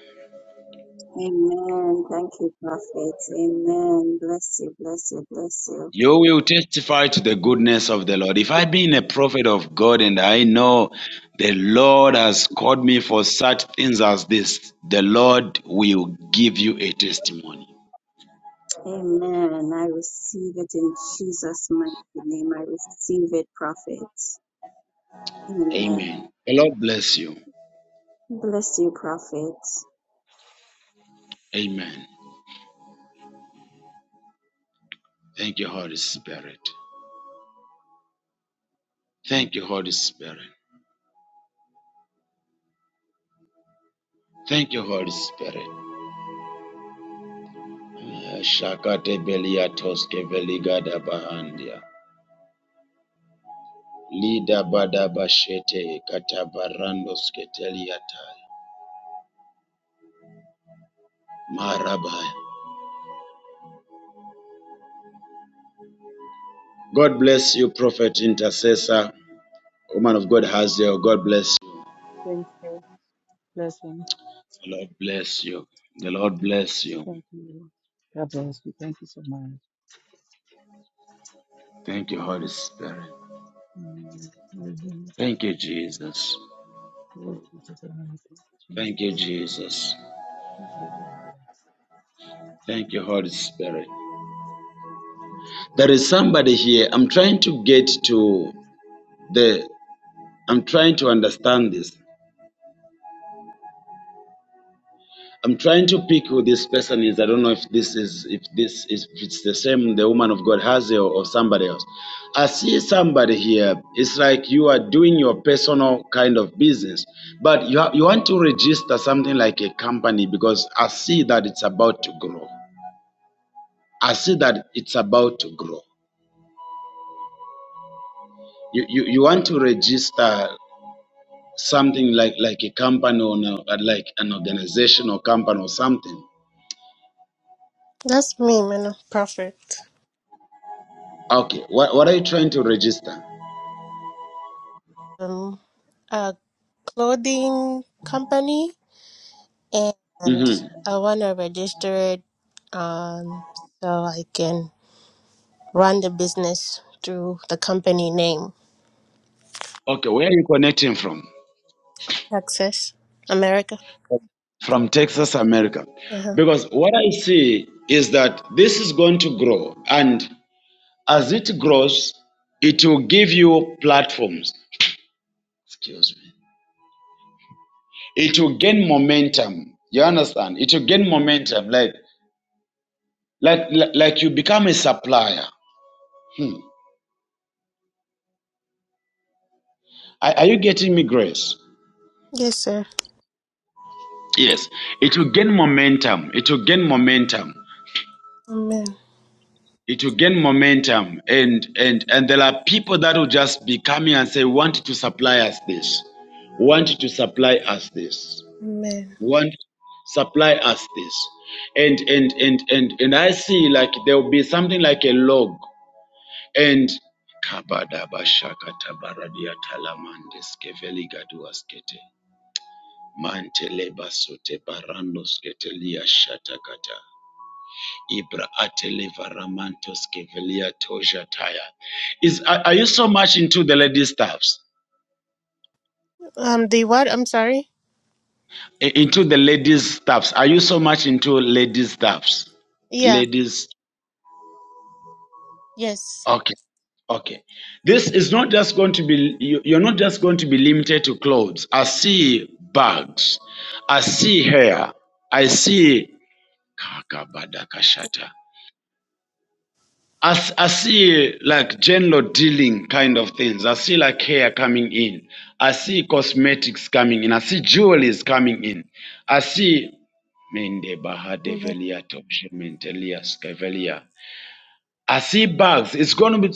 [SPEAKER 6] Amen. Thank you, Prophet. Amen. Bless you, bless you, bless you.
[SPEAKER 4] You will testify to the goodness of the Lord. If I've been a prophet of God and I know the Lord has called me for such things as this, the Lord will give you a testimony.
[SPEAKER 6] Amen. I receive it in Jesus' mighty name. I receive it, prophet. Amen.
[SPEAKER 4] Amen. The Lord bless you.
[SPEAKER 6] Bless you, prophet.
[SPEAKER 4] Amen. Thank you, Holy Spirit. Thank you, Holy Spirit. Thank you, Holy Spirit. Eh, Lida bada katabarando sketeliatai marabaya. God bless you, prophet, intercessor, woman of God, Hazel. God bless you.
[SPEAKER 10] Thanks, sir. Blessings.
[SPEAKER 4] The Lord bless you. The Lord bless you.
[SPEAKER 10] Thank you. God bless you. Thank you so much.
[SPEAKER 4] Thank you, Holy Spirit.
[SPEAKER 10] Mm, hallelujah.
[SPEAKER 4] Thank you, Jesus.
[SPEAKER 10] Glory be to God.
[SPEAKER 4] Thank you,
[SPEAKER 10] Jesus.
[SPEAKER 4] Jesus.
[SPEAKER 10] Hallelujah.
[SPEAKER 4] Thank you, Holy Spirit.
[SPEAKER 10] Thank you, Jesus.
[SPEAKER 4] There is somebody here. I'm trying to get to the. I'm trying to understand this. I'm trying to pick who this person is. I don't know if this is if this is if it's the same the woman of God has or, or somebody else. I see somebody here. It's like you are doing your personal kind of business, but you ha- you want to register something like a company because I see that it's about to grow. I see that it's about to grow. You you, you want to register something like like a company or no- uh, like an organization or company or something.
[SPEAKER 11] That's me, man of perfect.
[SPEAKER 4] Okay, what what are you trying to register?
[SPEAKER 11] Um, a clothing company, and
[SPEAKER 4] hmm
[SPEAKER 11] I want to register it, um, so I can run the business through the company name,
[SPEAKER 4] Okay, where are you connecting from?
[SPEAKER 11] Access America.
[SPEAKER 4] From Texas, America.
[SPEAKER 11] Uh-huh.
[SPEAKER 4] Because what I see is that this is going to grow, and as it grows, it will give you platforms. Excuse me. It will gain momentum. You understand? It will gain momentum, like like like like you become a supplier. Are, are you getting me, Grace?
[SPEAKER 11] Yes, sir.
[SPEAKER 4] Yes. It will gain momentum. It will gain momentum.
[SPEAKER 11] Amen.
[SPEAKER 4] it will gain momentum and and and there are people that will just be coming and say want to supply us this want to supply us this
[SPEAKER 11] Amen.
[SPEAKER 4] want supply us this and and and and and i see like there will be something like a log and Kabadabashakatabarabiatalamandeskeveligaduaskete. Mantelebasotebarandosketeliashatakata. Ibra Ateleva Ramantos Kevelia Toja Taya. Is are, are you so much into the ladies' staffs?
[SPEAKER 11] Um, the what? I'm sorry.
[SPEAKER 4] I- Into the ladies' staffs. Are you so much into ladies' staffs?
[SPEAKER 11] Yeah.
[SPEAKER 4] Ladies.
[SPEAKER 11] Yes.
[SPEAKER 4] Okay. Okay. This is not just going to be, you- you're not just going to be limited to clothes. I see bags. I see hair. I see. Kakabada Kashata. I, s- I see like general dealing kind of things. I see like hair coming in. I see cosmetics coming in. I see jewelries coming in. I see Mende
[SPEAKER 11] Amen.
[SPEAKER 4] Bahadevelia Topshementelias Kevelia. I see bugs. It's going to be,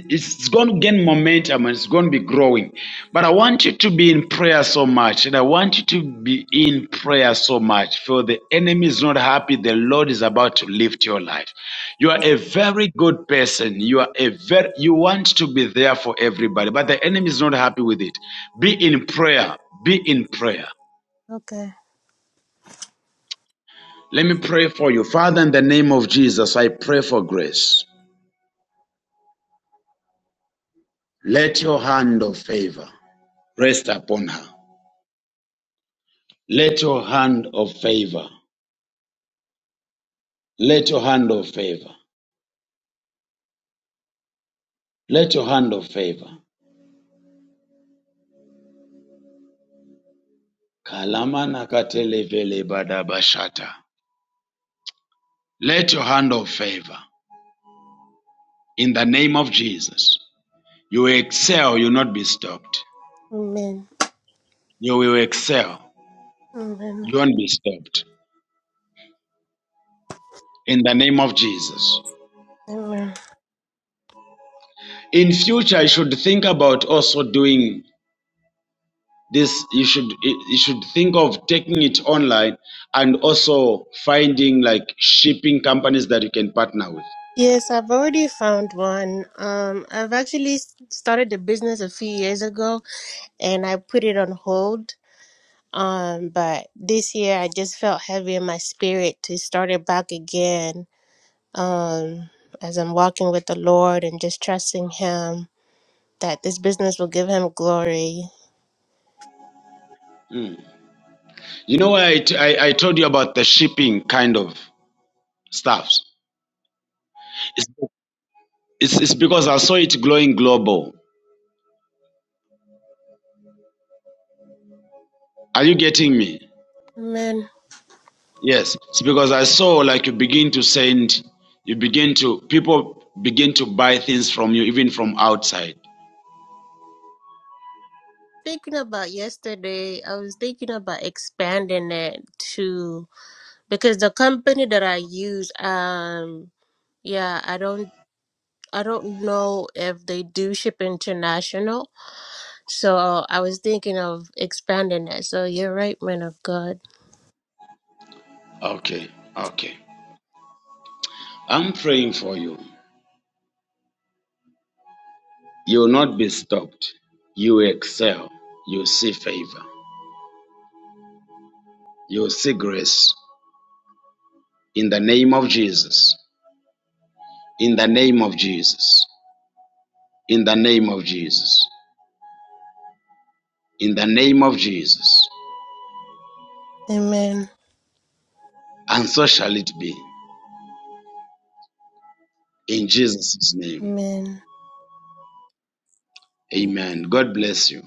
[SPEAKER 4] be- it's going to gain momentum and it's going to be growing. But I want you to be in prayer so much, and I want you to be in prayer so much. For the enemy is not happy. The Lord is about to lift your life. You are
[SPEAKER 11] Amen.
[SPEAKER 4] a very good person. You are a very, you want to be there for everybody, but the enemy is not happy with it. Be in prayer. Be in prayer.
[SPEAKER 11] Okay.
[SPEAKER 4] Let me pray for you, Father. In the name of Jesus, I pray for grace. Let your hand of favor. rest upon her. Let your hand of favor, let your hand of favor, let your hand of favor. Kalamana katelevele badabashata. Let your hand of favor in the name of Jesus. You will excel, you will not be stopped.
[SPEAKER 11] Amen.
[SPEAKER 4] You will excel,
[SPEAKER 11] Amen.
[SPEAKER 4] you won't be stopped in the name of Jesus.
[SPEAKER 11] Amen.
[SPEAKER 4] In future, I should think about also doing this you should you should think of taking it online and also finding like shipping companies that you can partner with
[SPEAKER 11] Yes, I've already found one. Um, I've actually s- started the business a few years ago and I put it on hold. Um, but this year I just felt heavy in my spirit to start it back again. Um, as I'm walking with the Lord and just trusting Him that this business will give Him glory.
[SPEAKER 4] you know why I t- I- I told you about the shipping kind of stuffs it's, it's, it's because i saw it glowing global are you getting me
[SPEAKER 11] Man,
[SPEAKER 4] yes it's because i saw like you begin to send you begin to people begin to buy things from you even from outside
[SPEAKER 11] thinking about yesterday, I was thinking about expanding it to because the company that I use, um, yeah, I don't. I don't know if they do ship international, so I was thinking of expanding that. So you're right, man of God.
[SPEAKER 4] okay okay i'm praying for you You will not be stopped. You will excel. You will see favor. You will see grace. In the name of Jesus. In the name of Jesus. In the name of Jesus. In the name of Jesus.
[SPEAKER 11] Amen.
[SPEAKER 4] And so shall it be. In Jesus' name.
[SPEAKER 11] Amen.
[SPEAKER 4] Amen. God bless you.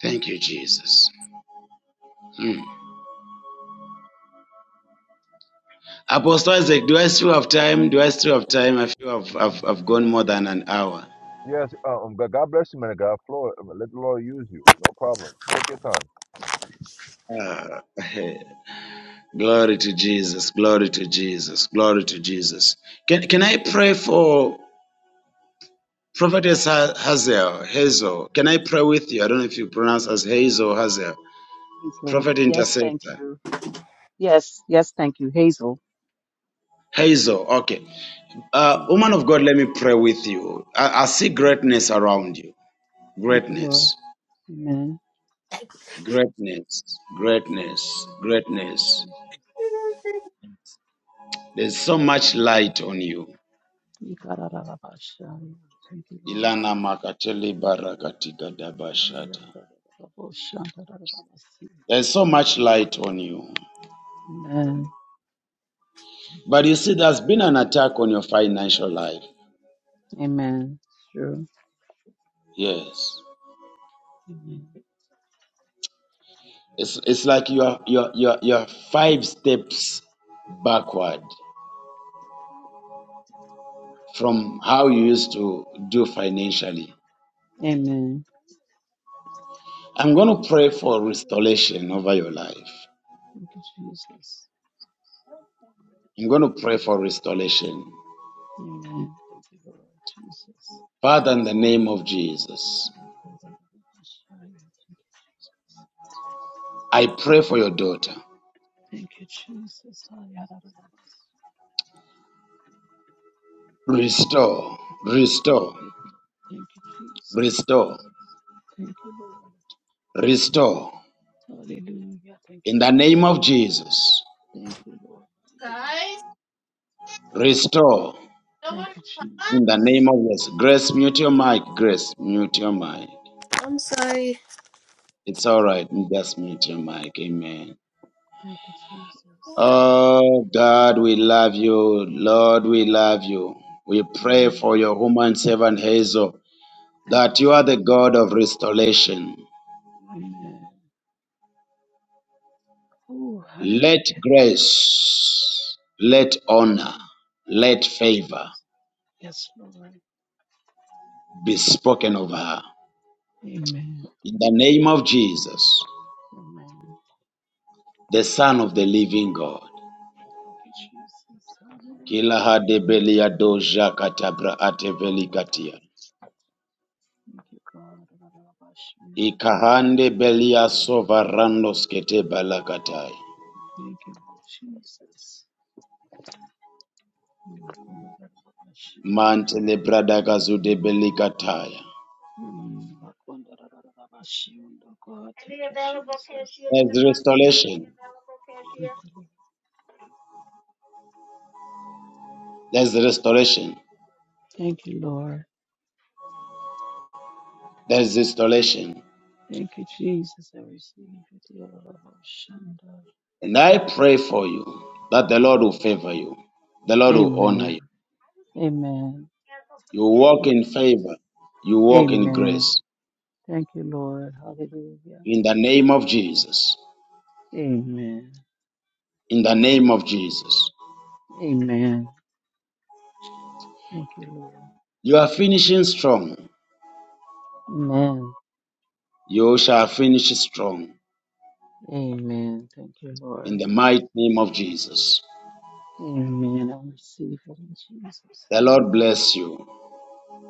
[SPEAKER 4] Thank you, Jesus. Apostle Isaac, do I still have time? Do I still have time? I feel I've, I've, I've gone more than an hour.
[SPEAKER 2] Yes, um, God God bless you, man. of God, Floor, let the Lord use you. No problem. Take your time.
[SPEAKER 4] Glory to Jesus. Glory to Jesus. Glory to Jesus. Can can I pray for Prophetess Ha- Hazel? Hazel. Can I pray with you? I don't know if you pronounce as Hazel or Hazel.
[SPEAKER 10] Hazel.
[SPEAKER 4] Prophet
[SPEAKER 10] Yes, thank
[SPEAKER 4] intercessor.
[SPEAKER 10] you. Yes, yes, thank you. Hazel.
[SPEAKER 4] Hazel. Okay. Uh,
[SPEAKER 10] Thank
[SPEAKER 4] woman
[SPEAKER 10] you.
[SPEAKER 4] of God, let me pray with you. I, I see
[SPEAKER 10] Mm,
[SPEAKER 4] greatness around you.
[SPEAKER 10] Thank you, Lord.
[SPEAKER 4] Greatness.
[SPEAKER 10] Amen.
[SPEAKER 4] Greatness. Greatness.
[SPEAKER 10] Hallelujah. Thank you,
[SPEAKER 4] Greatness.
[SPEAKER 10] Jesus.
[SPEAKER 4] There's so much light on you.
[SPEAKER 10] Ikararabashaya. Thank you, Lord.
[SPEAKER 4] Ilana makateli barakatika dabashata.
[SPEAKER 10] Yarararabashandararabasi.
[SPEAKER 4] There's so much light on you.
[SPEAKER 10] Amen.
[SPEAKER 4] But you see, there's been an attack on your financial life.
[SPEAKER 10] Amen. Sure.
[SPEAKER 4] Yes.
[SPEAKER 10] Amen.
[SPEAKER 4] It's, it's like you are, you, are, you, are, you are five steps backward from how you used to do financially.
[SPEAKER 10] Amen.
[SPEAKER 4] I'm going to pray for restoration over your life.
[SPEAKER 10] Thank you, Jesus.
[SPEAKER 4] I'm going to pray for restoration.
[SPEAKER 10] Amen. Thank you, Lord Jesus.
[SPEAKER 4] Father, in the name of Jesus,
[SPEAKER 10] Thank you, Lord Jesus.
[SPEAKER 4] I pray for your daughter.
[SPEAKER 10] Thank you, Jesus.
[SPEAKER 4] Restore,
[SPEAKER 10] Thank
[SPEAKER 4] restore,
[SPEAKER 10] you, God. Thank you, Jesus.
[SPEAKER 4] restore,
[SPEAKER 10] Thank you, Lord.
[SPEAKER 4] restore.
[SPEAKER 10] Hallelujah. Thank you,
[SPEAKER 4] In the name
[SPEAKER 10] Jesus.
[SPEAKER 4] of Jesus.
[SPEAKER 10] Thank you, Lord.
[SPEAKER 11] Guys,
[SPEAKER 4] Restore
[SPEAKER 11] no
[SPEAKER 10] Thank you,
[SPEAKER 11] one.
[SPEAKER 4] in the
[SPEAKER 10] Jesus.
[SPEAKER 4] name of Jesus. Grace, mute your mic. Grace, mute your mic.
[SPEAKER 11] I'm sorry.
[SPEAKER 4] It's all right. Just mute your mic. Amen.
[SPEAKER 10] Thank you, Jesus.
[SPEAKER 4] Oh, God, we love you. Lord, we love you. We pray for
[SPEAKER 10] Amen.
[SPEAKER 4] your woman servant Hazel
[SPEAKER 10] Thank
[SPEAKER 4] that
[SPEAKER 10] you,
[SPEAKER 4] you are the
[SPEAKER 10] Jesus.
[SPEAKER 4] God of restoration.
[SPEAKER 10] Amen. Oh,
[SPEAKER 4] Let
[SPEAKER 10] hallelujah.
[SPEAKER 4] grace, let honor, let
[SPEAKER 10] Thank you,
[SPEAKER 4] favor
[SPEAKER 10] Jesus. Yes, Lord.
[SPEAKER 4] be spoken of her.
[SPEAKER 10] Amen.
[SPEAKER 4] In
[SPEAKER 10] Thank
[SPEAKER 4] the
[SPEAKER 10] you,
[SPEAKER 4] name
[SPEAKER 10] Jesus.
[SPEAKER 4] of Jesus,
[SPEAKER 10] Amen.
[SPEAKER 4] the Son of the living God.
[SPEAKER 10] Thank you, Jesus.
[SPEAKER 4] Kila
[SPEAKER 10] Hallelujah.
[SPEAKER 4] hade belia doja katabra
[SPEAKER 10] Thank
[SPEAKER 4] ate velikatia.
[SPEAKER 10] you, God. Barabashira.
[SPEAKER 4] Ikahande belia sova randos kete balakatai.
[SPEAKER 10] Thank you, Jesus. Makundararabashi.
[SPEAKER 4] Mantele brada gazude belikataya.
[SPEAKER 10] Mm, makundarararabashi. Oh, God. Thank you,
[SPEAKER 4] There's restoration.
[SPEAKER 10] Jesus. Mm.
[SPEAKER 4] There's restoration.
[SPEAKER 10] Thank you, Lord.
[SPEAKER 4] There's restoration.
[SPEAKER 10] Thank you, Jesus. I receive it. Yarabashanda.
[SPEAKER 4] And I pray for you that the Lord will favor you. The Lord will
[SPEAKER 10] Amen.
[SPEAKER 4] honor you.
[SPEAKER 10] Amen.
[SPEAKER 4] You
[SPEAKER 10] Thank you,
[SPEAKER 4] walk in
[SPEAKER 10] Jesus.
[SPEAKER 4] favor. You walk in
[SPEAKER 10] Amen.
[SPEAKER 4] grace.
[SPEAKER 10] Thank you, Lord. Hallelujah.
[SPEAKER 4] In the name of Jesus.
[SPEAKER 10] Amen.
[SPEAKER 4] In the name of Jesus.
[SPEAKER 10] Amen. Thank you,
[SPEAKER 4] You are finishing strong.
[SPEAKER 10] Lord. Amen.
[SPEAKER 4] You shall finish strong
[SPEAKER 10] Amen. Thank you,
[SPEAKER 4] in
[SPEAKER 10] Lord.
[SPEAKER 4] the mighty name of Jesus.
[SPEAKER 10] Amen. I receive it in Jesus'
[SPEAKER 4] The Lord
[SPEAKER 10] name.
[SPEAKER 4] bless you.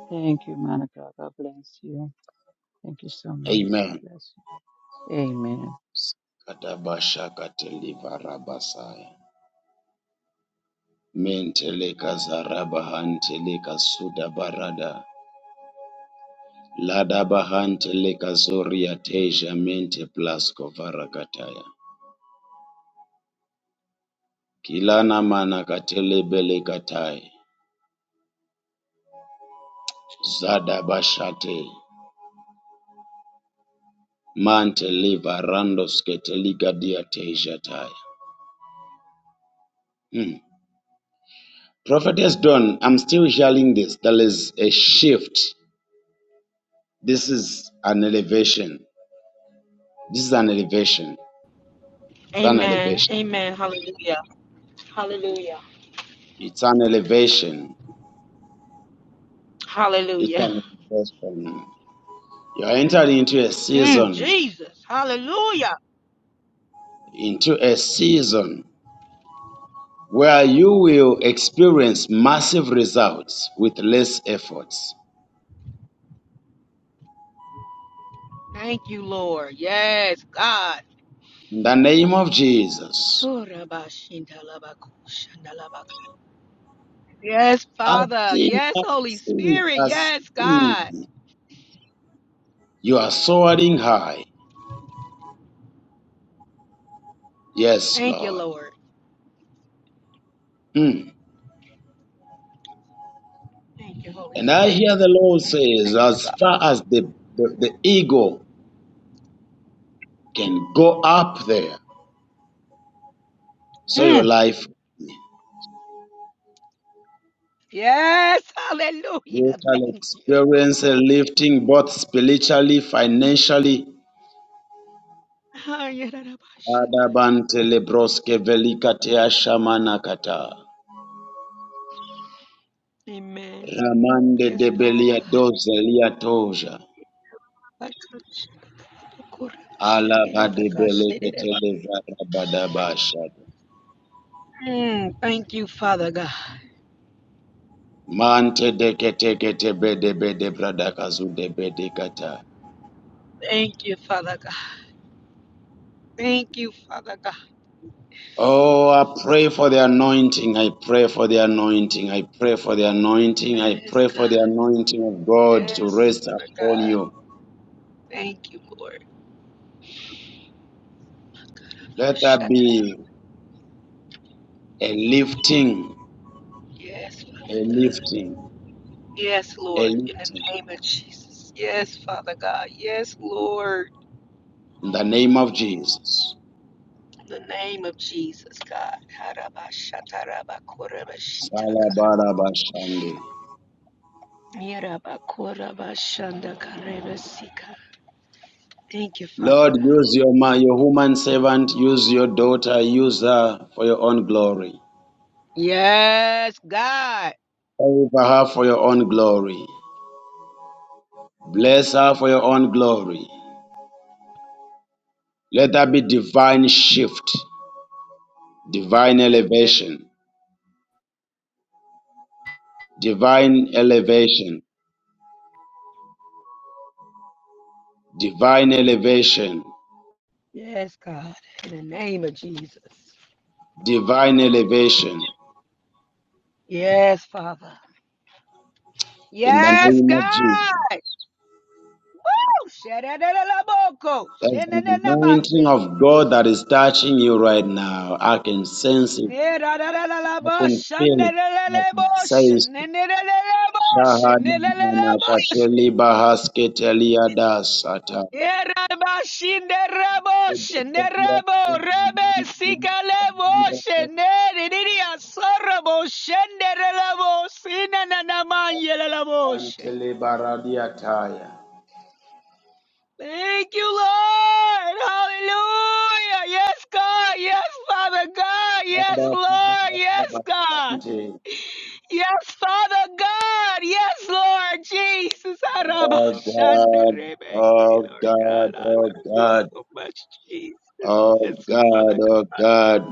[SPEAKER 10] Thank you, Monica. God bless you. Thank you so much. God
[SPEAKER 4] Amen.
[SPEAKER 10] bless you. Amen.
[SPEAKER 4] Katabashakatelivarabasaya. Mentelekazarabahanteleka sudabarada. Ladabahanteleka zoria teja mente plasko varakataya. Kilana manakatelebelekatai. Zadabashate. Mantelivarandosketeligadia teja taya. Hmm. Prophetess Dawn, I'm still hearing this. There is a shift. This is an elevation. This is an elevation. It's an
[SPEAKER 7] Amen.
[SPEAKER 4] elevation.
[SPEAKER 7] Amen. Hallelujah. Hallelujah.
[SPEAKER 4] It's an elevation. It's
[SPEAKER 7] Hallelujah.
[SPEAKER 4] an elevation. You're entering into a
[SPEAKER 7] Mm,
[SPEAKER 4] season,
[SPEAKER 7] Jesus. Hallelujah.
[SPEAKER 4] into a season where you will experience massive results with less efforts.
[SPEAKER 7] Thank you, Lord. Yes, God.
[SPEAKER 4] In the name of Jesus.
[SPEAKER 7] Oh, Rabba Shinda Labba Kushanda Labba. Ku- Yes,
[SPEAKER 4] I
[SPEAKER 7] Father.
[SPEAKER 4] see.
[SPEAKER 7] Yes,
[SPEAKER 4] I
[SPEAKER 7] Holy
[SPEAKER 4] see.
[SPEAKER 7] Spirit.
[SPEAKER 4] I
[SPEAKER 7] Yes, God.
[SPEAKER 4] see. You are soaring high. Yes,
[SPEAKER 7] Thank you,
[SPEAKER 4] Lord.
[SPEAKER 7] Lord.
[SPEAKER 4] Mm.
[SPEAKER 7] Thank you, Holy
[SPEAKER 4] And I
[SPEAKER 7] Spirit.
[SPEAKER 4] hear the Lord says,
[SPEAKER 7] Thank you,
[SPEAKER 4] as
[SPEAKER 7] God.
[SPEAKER 4] far as the, the, the ego can go up there, so your
[SPEAKER 7] Mm,
[SPEAKER 4] life
[SPEAKER 7] Yes. Hallelujah.
[SPEAKER 4] you shall
[SPEAKER 7] Thank you.
[SPEAKER 4] experience a lifting both spiritually, financially.
[SPEAKER 7] Ah, yeah, Rabba Shinda.
[SPEAKER 4] Adabante lebroske velikatea shamanakata.
[SPEAKER 7] Amen.
[SPEAKER 4] Ramande
[SPEAKER 7] Yes,
[SPEAKER 4] de
[SPEAKER 7] Father
[SPEAKER 4] belia
[SPEAKER 7] God.
[SPEAKER 4] doze lia toja. Alava de belekete levara badabashad.
[SPEAKER 7] Mm, thank you, Father God.
[SPEAKER 4] Mante de kete kete bede bede bradakazu de bede kata.
[SPEAKER 7] Thank you, Father God. Thank you, Father God.
[SPEAKER 4] Oh, I pray for the anointing. I pray for the anointing. I pray for the anointing. I
[SPEAKER 7] Yes,
[SPEAKER 4] pray
[SPEAKER 7] God.
[SPEAKER 4] for the anointing of God to
[SPEAKER 7] Yes,
[SPEAKER 4] rest
[SPEAKER 7] Father
[SPEAKER 4] upon
[SPEAKER 7] God.
[SPEAKER 4] you.
[SPEAKER 7] Thank you, Lord.
[SPEAKER 4] Let there
[SPEAKER 7] Ashaka.
[SPEAKER 4] be a lifting,
[SPEAKER 7] Yes,
[SPEAKER 4] a
[SPEAKER 7] Father.
[SPEAKER 4] lifting,
[SPEAKER 7] Yes,
[SPEAKER 4] a
[SPEAKER 7] Lord. In the
[SPEAKER 4] lifting
[SPEAKER 7] name of Jesus. Yes, Father God. Yes, Lord.
[SPEAKER 4] in the name of Jesus.
[SPEAKER 7] In the name of Jesus, God.
[SPEAKER 4] Salabarabashande.
[SPEAKER 7] Yerabakorabashandakarebesika. Thank you, Father
[SPEAKER 4] Lord,
[SPEAKER 7] God.
[SPEAKER 4] use your, ma- your human servant, use your daughter, use her for your own glory.
[SPEAKER 7] Yes, God.
[SPEAKER 4] Favor her for your own glory. Bless her for your own glory. Let there be divine shift, divine elevation, divine elevation, divine elevation,
[SPEAKER 7] Yes, God. In the name of Jesus.
[SPEAKER 4] divine elevation
[SPEAKER 7] Yes, Father.
[SPEAKER 4] in the
[SPEAKER 7] Yes,
[SPEAKER 4] name of Jesus.
[SPEAKER 7] God. Woo! Shadadadalaboko.
[SPEAKER 4] There's an anointing
[SPEAKER 7] Shenanamase.
[SPEAKER 4] of God that is touching you right now. I can sense it. I
[SPEAKER 7] Eradalalabo.
[SPEAKER 4] can feel it. I can
[SPEAKER 7] Shandalalabo.
[SPEAKER 4] sense it.
[SPEAKER 7] Shenanalabo.
[SPEAKER 4] Shahanamanatakeli bahasketeliadasata.
[SPEAKER 7] Yerabashin Neraboshe Nerabo Rebe Sikaleboshe Neridia Soraboshe Neraboshe Nananamayelaboshe.
[SPEAKER 4] Antele baradiataya.
[SPEAKER 7] Thank you, Lord. Hallelujah. Yes, God. Yes, Father God.
[SPEAKER 4] Oh
[SPEAKER 7] Yes,
[SPEAKER 4] God,
[SPEAKER 7] Lord. Yes, God. Yes, Father God. Yes, Lord Jesus.
[SPEAKER 4] oh
[SPEAKER 7] Arabashandarebe,
[SPEAKER 4] God, oh
[SPEAKER 7] Lord
[SPEAKER 4] God,
[SPEAKER 7] God, I love you so much, Jesus. Yes,
[SPEAKER 4] oh God,
[SPEAKER 7] Father
[SPEAKER 4] oh
[SPEAKER 7] God.
[SPEAKER 4] God.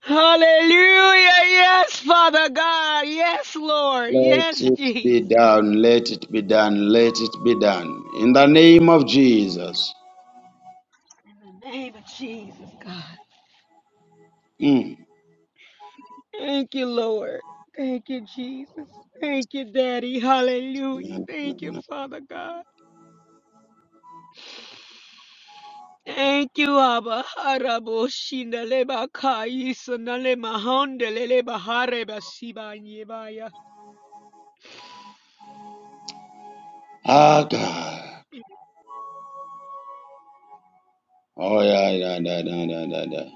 [SPEAKER 7] Hallelujah. Yes, Father God. Yes, Lord.
[SPEAKER 4] Let
[SPEAKER 7] Yes,
[SPEAKER 4] it be
[SPEAKER 7] Jesus.
[SPEAKER 4] done, let it be done, let it be done. In the name of Jesus.
[SPEAKER 7] In the name of Jesus, God.
[SPEAKER 4] Mm.
[SPEAKER 7] Thank you, Lord. Thank you, Jesus. Thank you, Daddy. Hallelujah. Thank you, Father God. Thank you, Abba. Arabo shinaleba kai sanalema hondeleleba hareba sibanyebaya.
[SPEAKER 4] Ah God. Oh yeah, yeah, yeah, yeah, yeah, yeah, yeah.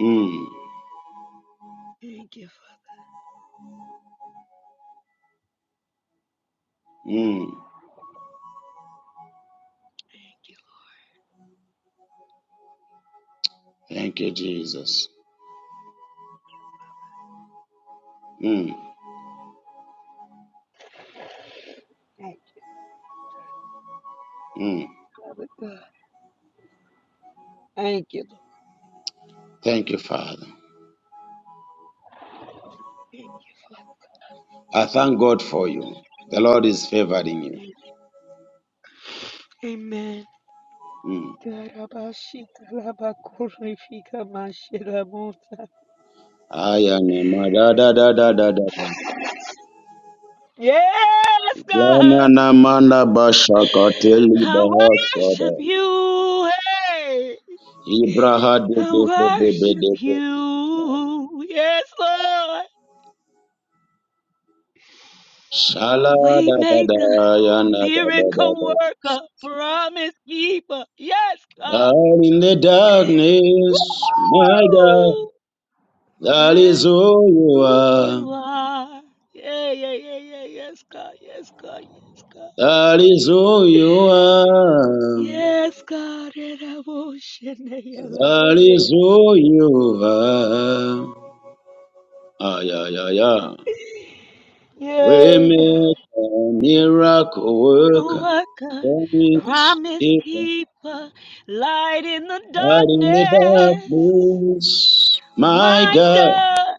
[SPEAKER 4] Mm.
[SPEAKER 7] Thank you.
[SPEAKER 4] Mm.
[SPEAKER 7] Thank you.
[SPEAKER 4] Thank you, Jesus. Mm.
[SPEAKER 7] Thank you,
[SPEAKER 4] Mm.
[SPEAKER 7] Abba God. Thank you, Lord.
[SPEAKER 4] Thank you, Father.
[SPEAKER 7] Thank you.
[SPEAKER 4] I thank God for you. The Lord is favoring you.
[SPEAKER 7] Thank you. Amen.
[SPEAKER 4] Mm.
[SPEAKER 7] Tarabashikalaba kurifika mashiramuta.
[SPEAKER 4] Aya na mada da da da da da da.
[SPEAKER 7] Yes,
[SPEAKER 4] Bwana
[SPEAKER 7] God.
[SPEAKER 4] na manda basha kateli
[SPEAKER 7] I
[SPEAKER 4] baha sada.
[SPEAKER 7] worship you. Hey.
[SPEAKER 4] Ibraha de
[SPEAKER 7] I
[SPEAKER 4] de de de de
[SPEAKER 7] worship
[SPEAKER 4] de de.
[SPEAKER 7] you. Yes, Lord.
[SPEAKER 4] Shala da da
[SPEAKER 7] Waymaker.
[SPEAKER 4] da ya na da da da
[SPEAKER 7] Miracle
[SPEAKER 4] da.
[SPEAKER 7] worker, promise keeper. Yes, God.
[SPEAKER 4] Down in the darkness, my God,
[SPEAKER 7] Woo!
[SPEAKER 4] that is
[SPEAKER 7] That's
[SPEAKER 4] who you
[SPEAKER 7] who
[SPEAKER 4] are.
[SPEAKER 7] you are. Yeah, yeah, yeah, yeah. Yes, God. Yes, God. Yes, God.
[SPEAKER 4] That is who you are.
[SPEAKER 7] Yes, God. And I will shine the
[SPEAKER 4] That
[SPEAKER 7] holy.
[SPEAKER 4] is who you are. Ah, yeah, yeah, yeah.
[SPEAKER 7] Yay, God.
[SPEAKER 4] Waymaker, miracle
[SPEAKER 7] Miracle
[SPEAKER 4] worker,
[SPEAKER 7] Worker,
[SPEAKER 4] promise
[SPEAKER 7] promise
[SPEAKER 4] keeper,
[SPEAKER 7] keeper, light in the
[SPEAKER 4] light in the
[SPEAKER 7] darkness.
[SPEAKER 4] darkness, my
[SPEAKER 7] My
[SPEAKER 4] God,
[SPEAKER 7] God,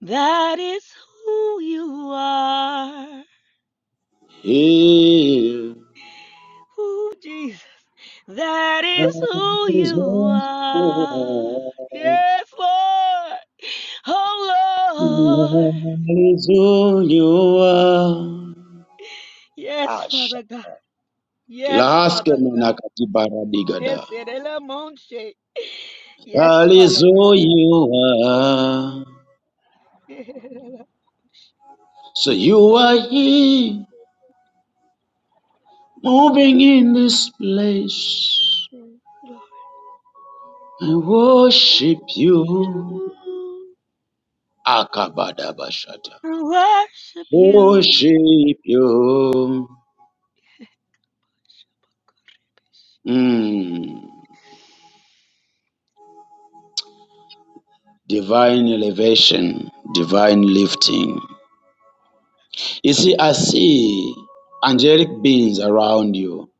[SPEAKER 7] that is who you are.
[SPEAKER 4] is
[SPEAKER 7] Ooh, Jesus. That is who you
[SPEAKER 4] on
[SPEAKER 7] are. Yes, Lord. Oh, Lord.
[SPEAKER 4] you are.
[SPEAKER 7] Yes,
[SPEAKER 4] Asha.
[SPEAKER 7] Father God.
[SPEAKER 4] Kila
[SPEAKER 7] Yes,
[SPEAKER 4] aske
[SPEAKER 7] Father
[SPEAKER 4] mwana
[SPEAKER 7] God.
[SPEAKER 4] katibara
[SPEAKER 7] Yes,
[SPEAKER 4] digada.
[SPEAKER 7] Erela Monche. Yes,
[SPEAKER 4] That is
[SPEAKER 7] Father
[SPEAKER 4] who
[SPEAKER 7] God.
[SPEAKER 4] you are.
[SPEAKER 7] Oh,
[SPEAKER 4] So you are here, moving in this place. I worship you.
[SPEAKER 7] You.
[SPEAKER 4] Akabadabashata.
[SPEAKER 7] I worship you.
[SPEAKER 4] Worship you. Mm. Divine elevation, divine lifting. You see, I see angelic beings around you.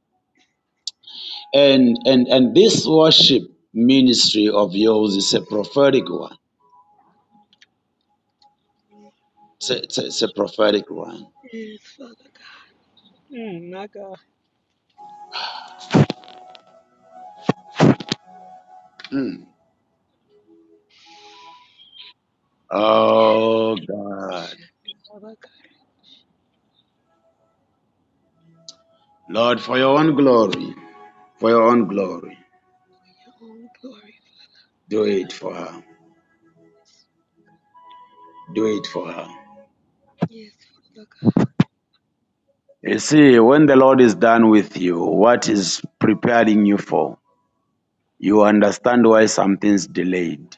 [SPEAKER 4] And and and this worship ministry of yours is a prophetic one. It's a, it's a, it's a prophetic one.
[SPEAKER 7] Yes, Father God. Mm, my God.
[SPEAKER 4] Mm. Oh God.
[SPEAKER 7] Yes, Father God.
[SPEAKER 4] Lord, for your own glory, for your own glory,
[SPEAKER 7] Oh, glory.
[SPEAKER 4] do it for her. Do it for her.
[SPEAKER 7] Yes, Father
[SPEAKER 4] You see, when the Lord is done with you, what is preparing you for, you understand why something's delayed.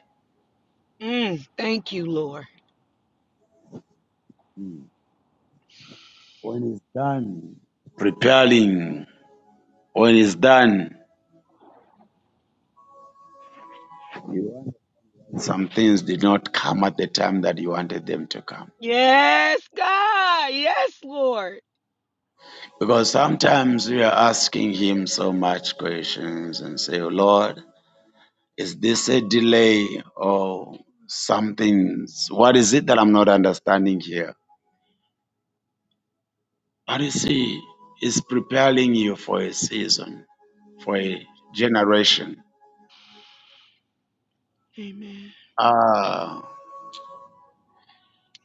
[SPEAKER 7] Mm, thank you, Lord.
[SPEAKER 4] When he's preparing, when he's done, some things did not come at the time that you wanted them to come.
[SPEAKER 7] Yes, God. Yes, Lord.
[SPEAKER 4] Because sometimes we are asking him so much questions and say, "Oh, Lord, is this a delay or something? What is it that I'm not understanding here? But you see, it's preparing you for a season, for
[SPEAKER 7] Mm,
[SPEAKER 4] a generation.
[SPEAKER 7] Amen.
[SPEAKER 4] Ah,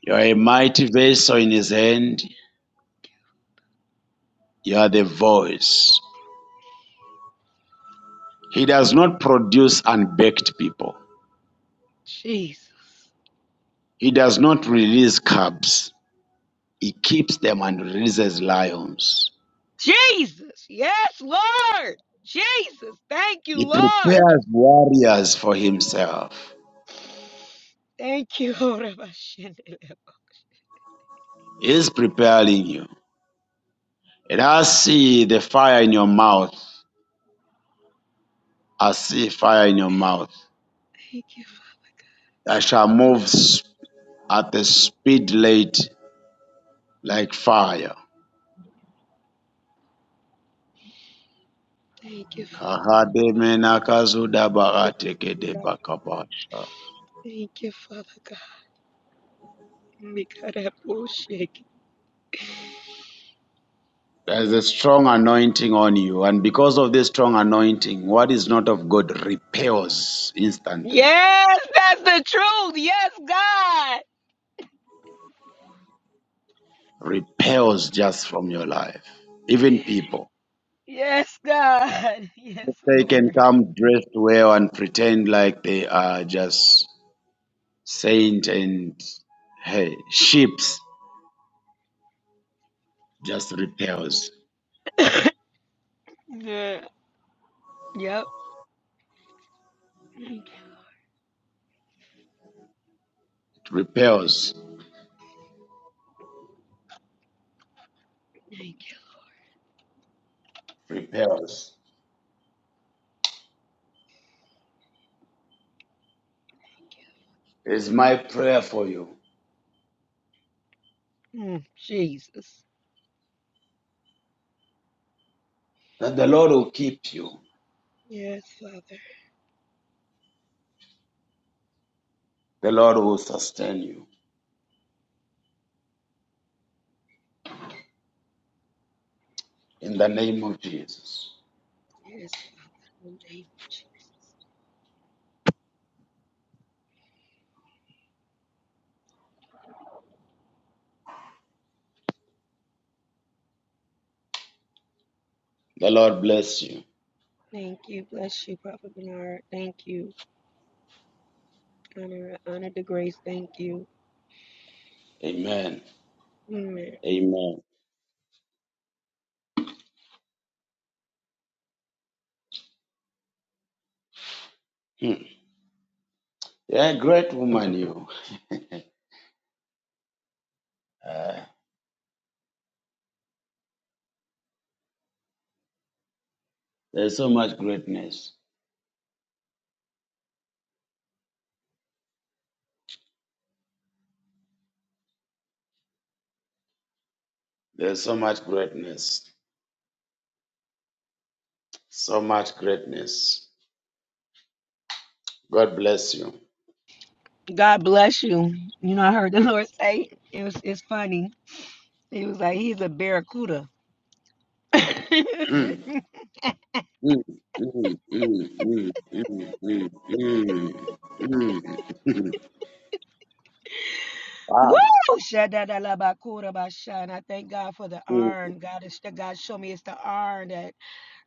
[SPEAKER 4] you are a mighty vessel in his hand. You are the voice. He does not produce unbaked people.
[SPEAKER 7] Jesus.
[SPEAKER 4] He does not release cubs. He keeps them and releases lions.
[SPEAKER 7] Jesus. Yes, Lord. Jesus. Thank you,
[SPEAKER 4] He
[SPEAKER 7] Lord.
[SPEAKER 4] prepares warriors for himself.
[SPEAKER 7] Thank you, Lord. Thank
[SPEAKER 4] He is preparing you. And I see the fire in your mouth. I see fire in your mouth
[SPEAKER 7] you.
[SPEAKER 4] that shall move at the speed late like fire.
[SPEAKER 7] Thank you, Father.
[SPEAKER 4] There's
[SPEAKER 7] Thank you, Father God. Thank you, Father God. Make her that bullshit.
[SPEAKER 4] a strong anointing on you, and because of this strong anointing, what is not of God repels instantly,
[SPEAKER 7] Yes, that's the truth. Yes, God.
[SPEAKER 4] repels just from your life, even people.
[SPEAKER 7] Yes, God. Yes,
[SPEAKER 4] They can
[SPEAKER 7] Lord.
[SPEAKER 4] come dressed well and pretend like they are just saint and hey, ships just repels,
[SPEAKER 7] yeah. Yep. Thank
[SPEAKER 4] it repels,
[SPEAKER 7] you, thank
[SPEAKER 4] repels. It's my prayer for you
[SPEAKER 7] you. Mm, Jesus.
[SPEAKER 4] that the Lord will keep you,
[SPEAKER 7] Yes, Father.
[SPEAKER 4] the Lord will sustain you in the name of Jesus.
[SPEAKER 7] Yes, Father. In the name of Jesus.
[SPEAKER 4] The Lord bless you.
[SPEAKER 7] Thank you. Bless you, Prophet Bernard. Thank you. Honor, honor the grace. Thank you.
[SPEAKER 4] Amen.
[SPEAKER 7] Amen.
[SPEAKER 4] Amen. Hmm. Yeah, great woman, you. Uh, there's so much greatness. There's so much greatness. So much greatness. God bless you.
[SPEAKER 7] God bless you. You know, I heard the Lord say it was it's funny. He was like, He's a barracuda.
[SPEAKER 4] Hmm. Hmm. Hmm. Hmm. Hmm. Hmm. Hmm. Hmm. Hmm.
[SPEAKER 7] Woo!
[SPEAKER 4] Wow.
[SPEAKER 7] Shadadalabakura basha. And I thank God for the
[SPEAKER 4] Hmm.
[SPEAKER 7] iron. God is God showed me it's the iron that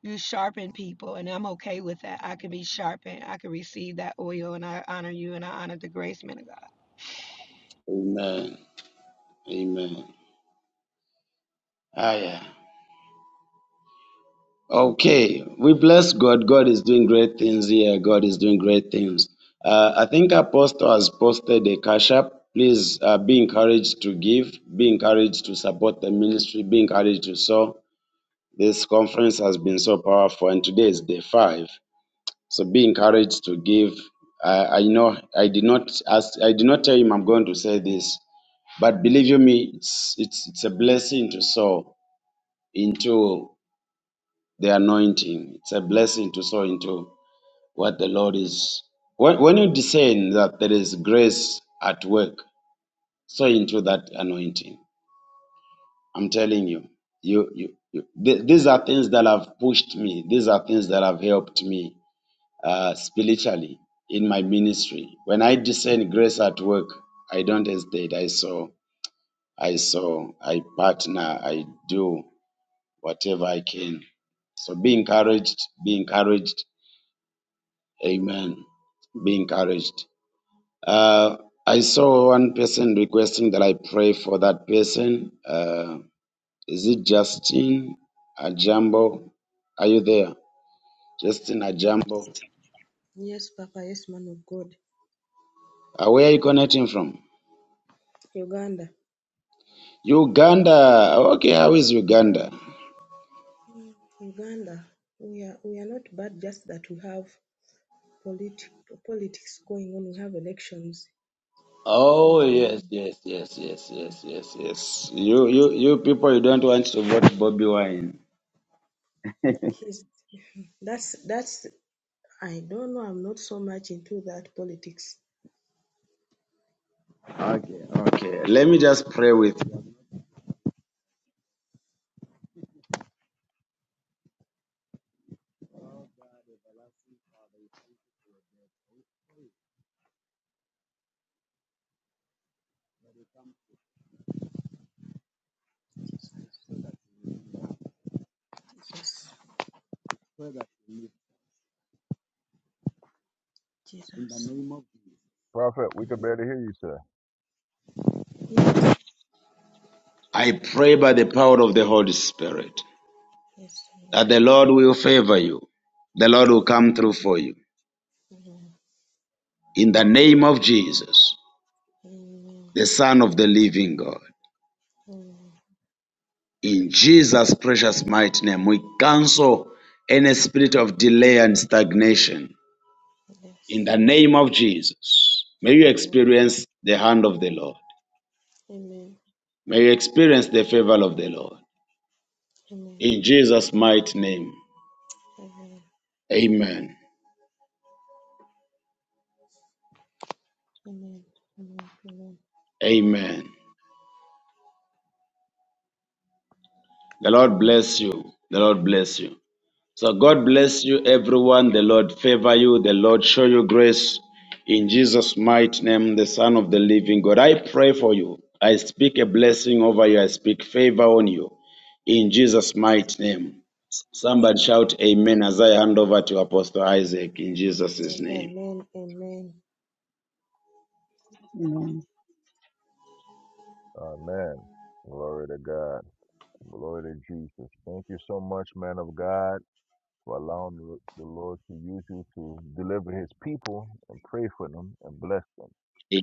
[SPEAKER 7] you sharpen people and i'm okay with that i can be sharpened i can receive that oil and i honor you and i honor the grace man of god
[SPEAKER 4] Amen. Amen. Ah, yeah. Okay, we bless God. God is doing great things here. God is doing great things. Uh, I think Apostle has posted a cash app. Please uh, be encouraged to give, be encouraged to support the ministry, be encouraged to sow. This conference has been so powerful, and today is day five. So be encouraged to give. I, I know I did not ask, I did not tell him I'm going to say this, but believe you me, it's it's it's a blessing to sow into the anointing. It's a blessing to sow into what the Lord is. When, when you discern that there is grace at work, sow into that anointing. I'm telling you, you, you, you th- these are things that have pushed me. These are things that have helped me uh, spiritually in my ministry. When I discern grace at work, I don't hesitate. I sow, I sow, I partner, I do whatever I can. So be encouraged, be encouraged Amen. Be encouraged. Uh, I saw one person requesting that I pray for that person. Uh, is it Justin Ajambo? Are you there? Justin Ajambo.
[SPEAKER 12] Yes, Papa. Yes, man of God.
[SPEAKER 4] Uh, where are you connecting from?
[SPEAKER 12] Uganda.
[SPEAKER 4] Uganda. Okay, how is Uganda?
[SPEAKER 12] Uganda. We are we are not bad. Just that we have polit- politics going on. We have elections in
[SPEAKER 4] Oh
[SPEAKER 12] Jan-
[SPEAKER 4] yes, yes, yes, yes, yes, yes, yes. You you you people you don't want to vote Bobby Wine.
[SPEAKER 12] He's, that's that's. I don't know. I'm not so much into that politics.
[SPEAKER 4] Okay, okay. Let me just pray with you.
[SPEAKER 12] Yes, Jesus. Yes.
[SPEAKER 4] I pray by the power of the Holy Spirit.
[SPEAKER 12] Yes.
[SPEAKER 4] that the Lord will favor you. The Lord will
[SPEAKER 12] Amen.
[SPEAKER 4] come through for you.
[SPEAKER 12] Amen.
[SPEAKER 4] In the name of Jesus,
[SPEAKER 12] Amen.
[SPEAKER 4] the Son of the living God.
[SPEAKER 12] Amen. Amen.
[SPEAKER 4] In Jesus' precious mighty name, we cancel any spirit of delay and stagnation. In
[SPEAKER 12] Yes.
[SPEAKER 4] the name of Jesus, may you
[SPEAKER 12] Amen.
[SPEAKER 4] experience the hand of the Lord.
[SPEAKER 12] Amen.
[SPEAKER 4] May you experience the favor of the Lord.
[SPEAKER 12] Amen.
[SPEAKER 4] In Jesus' mighty name,
[SPEAKER 12] Amen.
[SPEAKER 4] amen.
[SPEAKER 12] Amen. Amen. Amen.
[SPEAKER 4] Amen. The Lord bless you. The Lord bless you. So God
[SPEAKER 12] Amen.
[SPEAKER 4] bless you, everyone. The Lord favor you. The Lord show you grace. In Jesus' mighty name, the Son of the living God, I pray for you. I speak a blessing over you. I speak favor on you. In Jesus' mighty name. Somebody shout amen as I hand over to Apostle Isaac in
[SPEAKER 12] Amen.
[SPEAKER 4] Jesus' name.
[SPEAKER 12] Amen. Amen.
[SPEAKER 10] Amen.
[SPEAKER 4] Amen.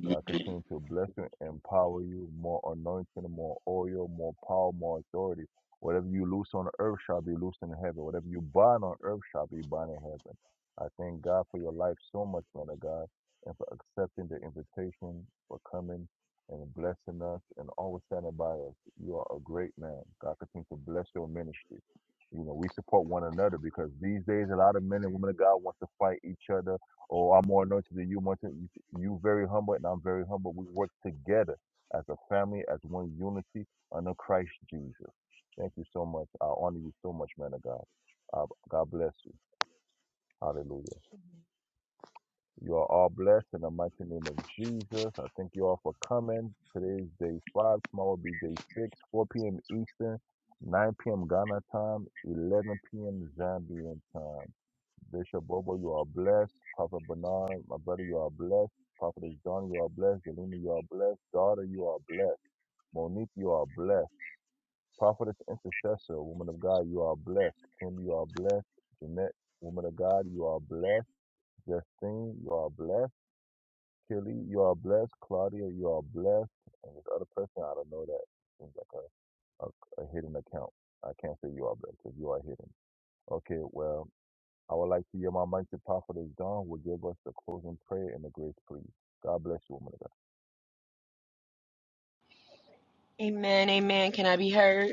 [SPEAKER 7] Amen, amen. Can I be heard?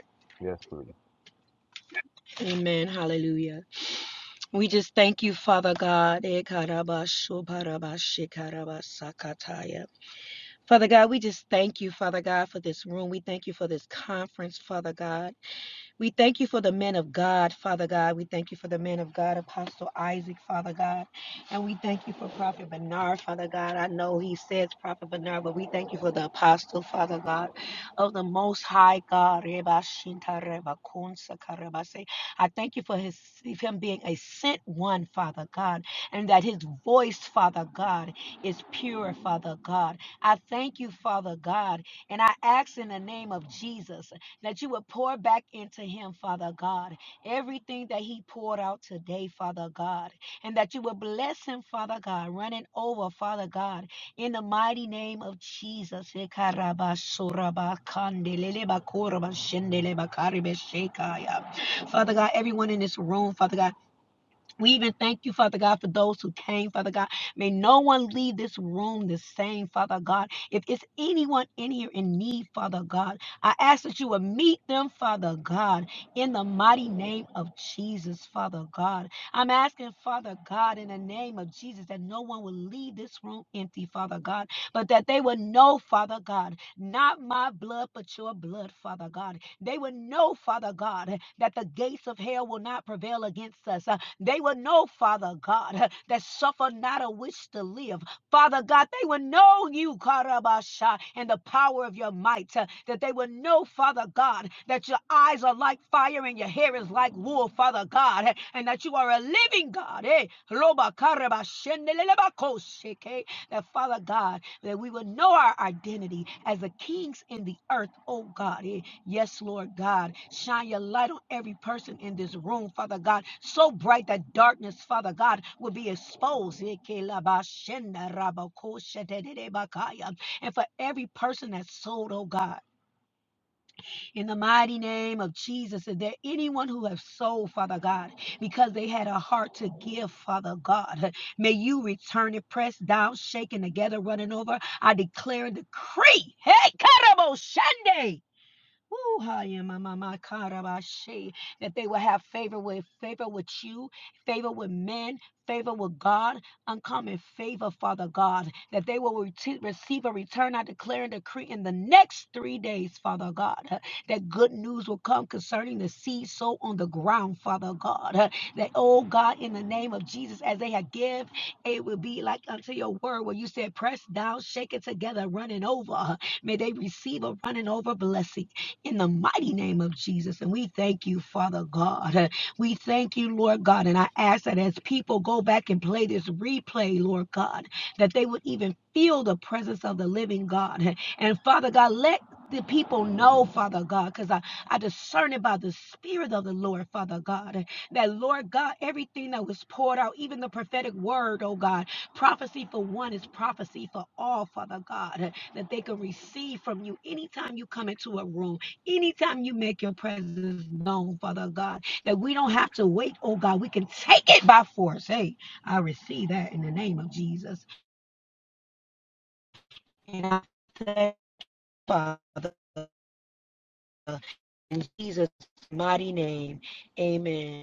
[SPEAKER 7] Amen, hallelujah. We just thank you, Father God. Ekarabashobarabashikarabasakataya. Father God, we just thank you, Father God, for this room. We thank you for this conference, Father God. We thank you for the men of God, Father God. We thank you for the men of God, Apostle Isaac, Father God. And we thank you for Prophet Bernard, Father God. I know he says Prophet Bernard, but we thank you for the apostle, Father God, of the Most High God. Reba Shinta Reba Kunsa Kareba Se. I thank you for his him being a sent one, Father God, and that his voice, Father God, is pure, Father God. I thank you, Father God, and I ask in the name of Jesus that you would pour back into him, Father God, everything that he poured out today, Father God, and that you would bless him, Father God, running over, Father God, in the mighty name of Jesus. Father God, everyone in this room, Father God, we even thank you, Father God, for those who came, Father God. May no one leave this room the same, Father God. If it's anyone in here in need, Father God, I ask that you would meet them, Father God, in the mighty name of Jesus, Father God. I'm asking, Father God, in the name of Jesus, that no one will leave this room empty, Father God, but that they would know, Father God, not my blood, but your blood, Father God. They would know, Father God, that the gates of hell will not prevail against us. Uh, they will know, Father God, that suffer not a wish to live. Father God, they will know you, Karabasha, and the power of your might. uh, That they will know, Father God, that your eyes are like fire and your hair is like wool, Father God, eh, and that you are a living God. Eh? Roba Karabashendelebakoseke, That, Father God, that we would know our identity as the kings in the earth, oh God. Eh, Yes, Lord God. Shine your light on every person in this room, Father God, so bright that darkness, Father God, will be exposed. Eh, ke la ba shenda ra ba ko she te te te ba ka ya. And for every person that's sold, oh God in the mighty name of Jesus. Is there anyone who have sold, Father God, because they had a heart to give, Father God? May you return it pressed down, shaken together, running over. I declare and decree. Hey, Karabo Shande! Woo, ha, ya, ma, ma, ma, ka, That they will have favor with favor with you, favor with men, favor with God, uncommon favor, Father God. That they will rete- receive a return. I declare and decree in the next three days, Father God. uh, That good news will come concerning the seed sown on the ground, Father God. uh, That, oh God, in the name of Jesus, as they have give, it will be like unto your word where you said, press down, shake it together, running over. Uh, May they receive a running over blessing in the mighty name of Jesus. And we thank you, Father God. Uh, We thank you, Lord God. And I ask that as people go back and play this replay, Lord God, that they would even feel the presence of the living God. And Father God, let the people know, Father God, because I, I discern it by the Spirit of the Lord, Father God, that Lord God, everything that was poured out, even the prophetic word, oh God, prophecy for one is prophecy for all, Father God, that they can receive from you anytime you come into a room. Anytime you make your presence known, Father God, that we don't have to wait, oh God, we can take it by force. Hey, I receive that in the name of Jesus. And I thank you, Father in Jesus' mighty name. Amen.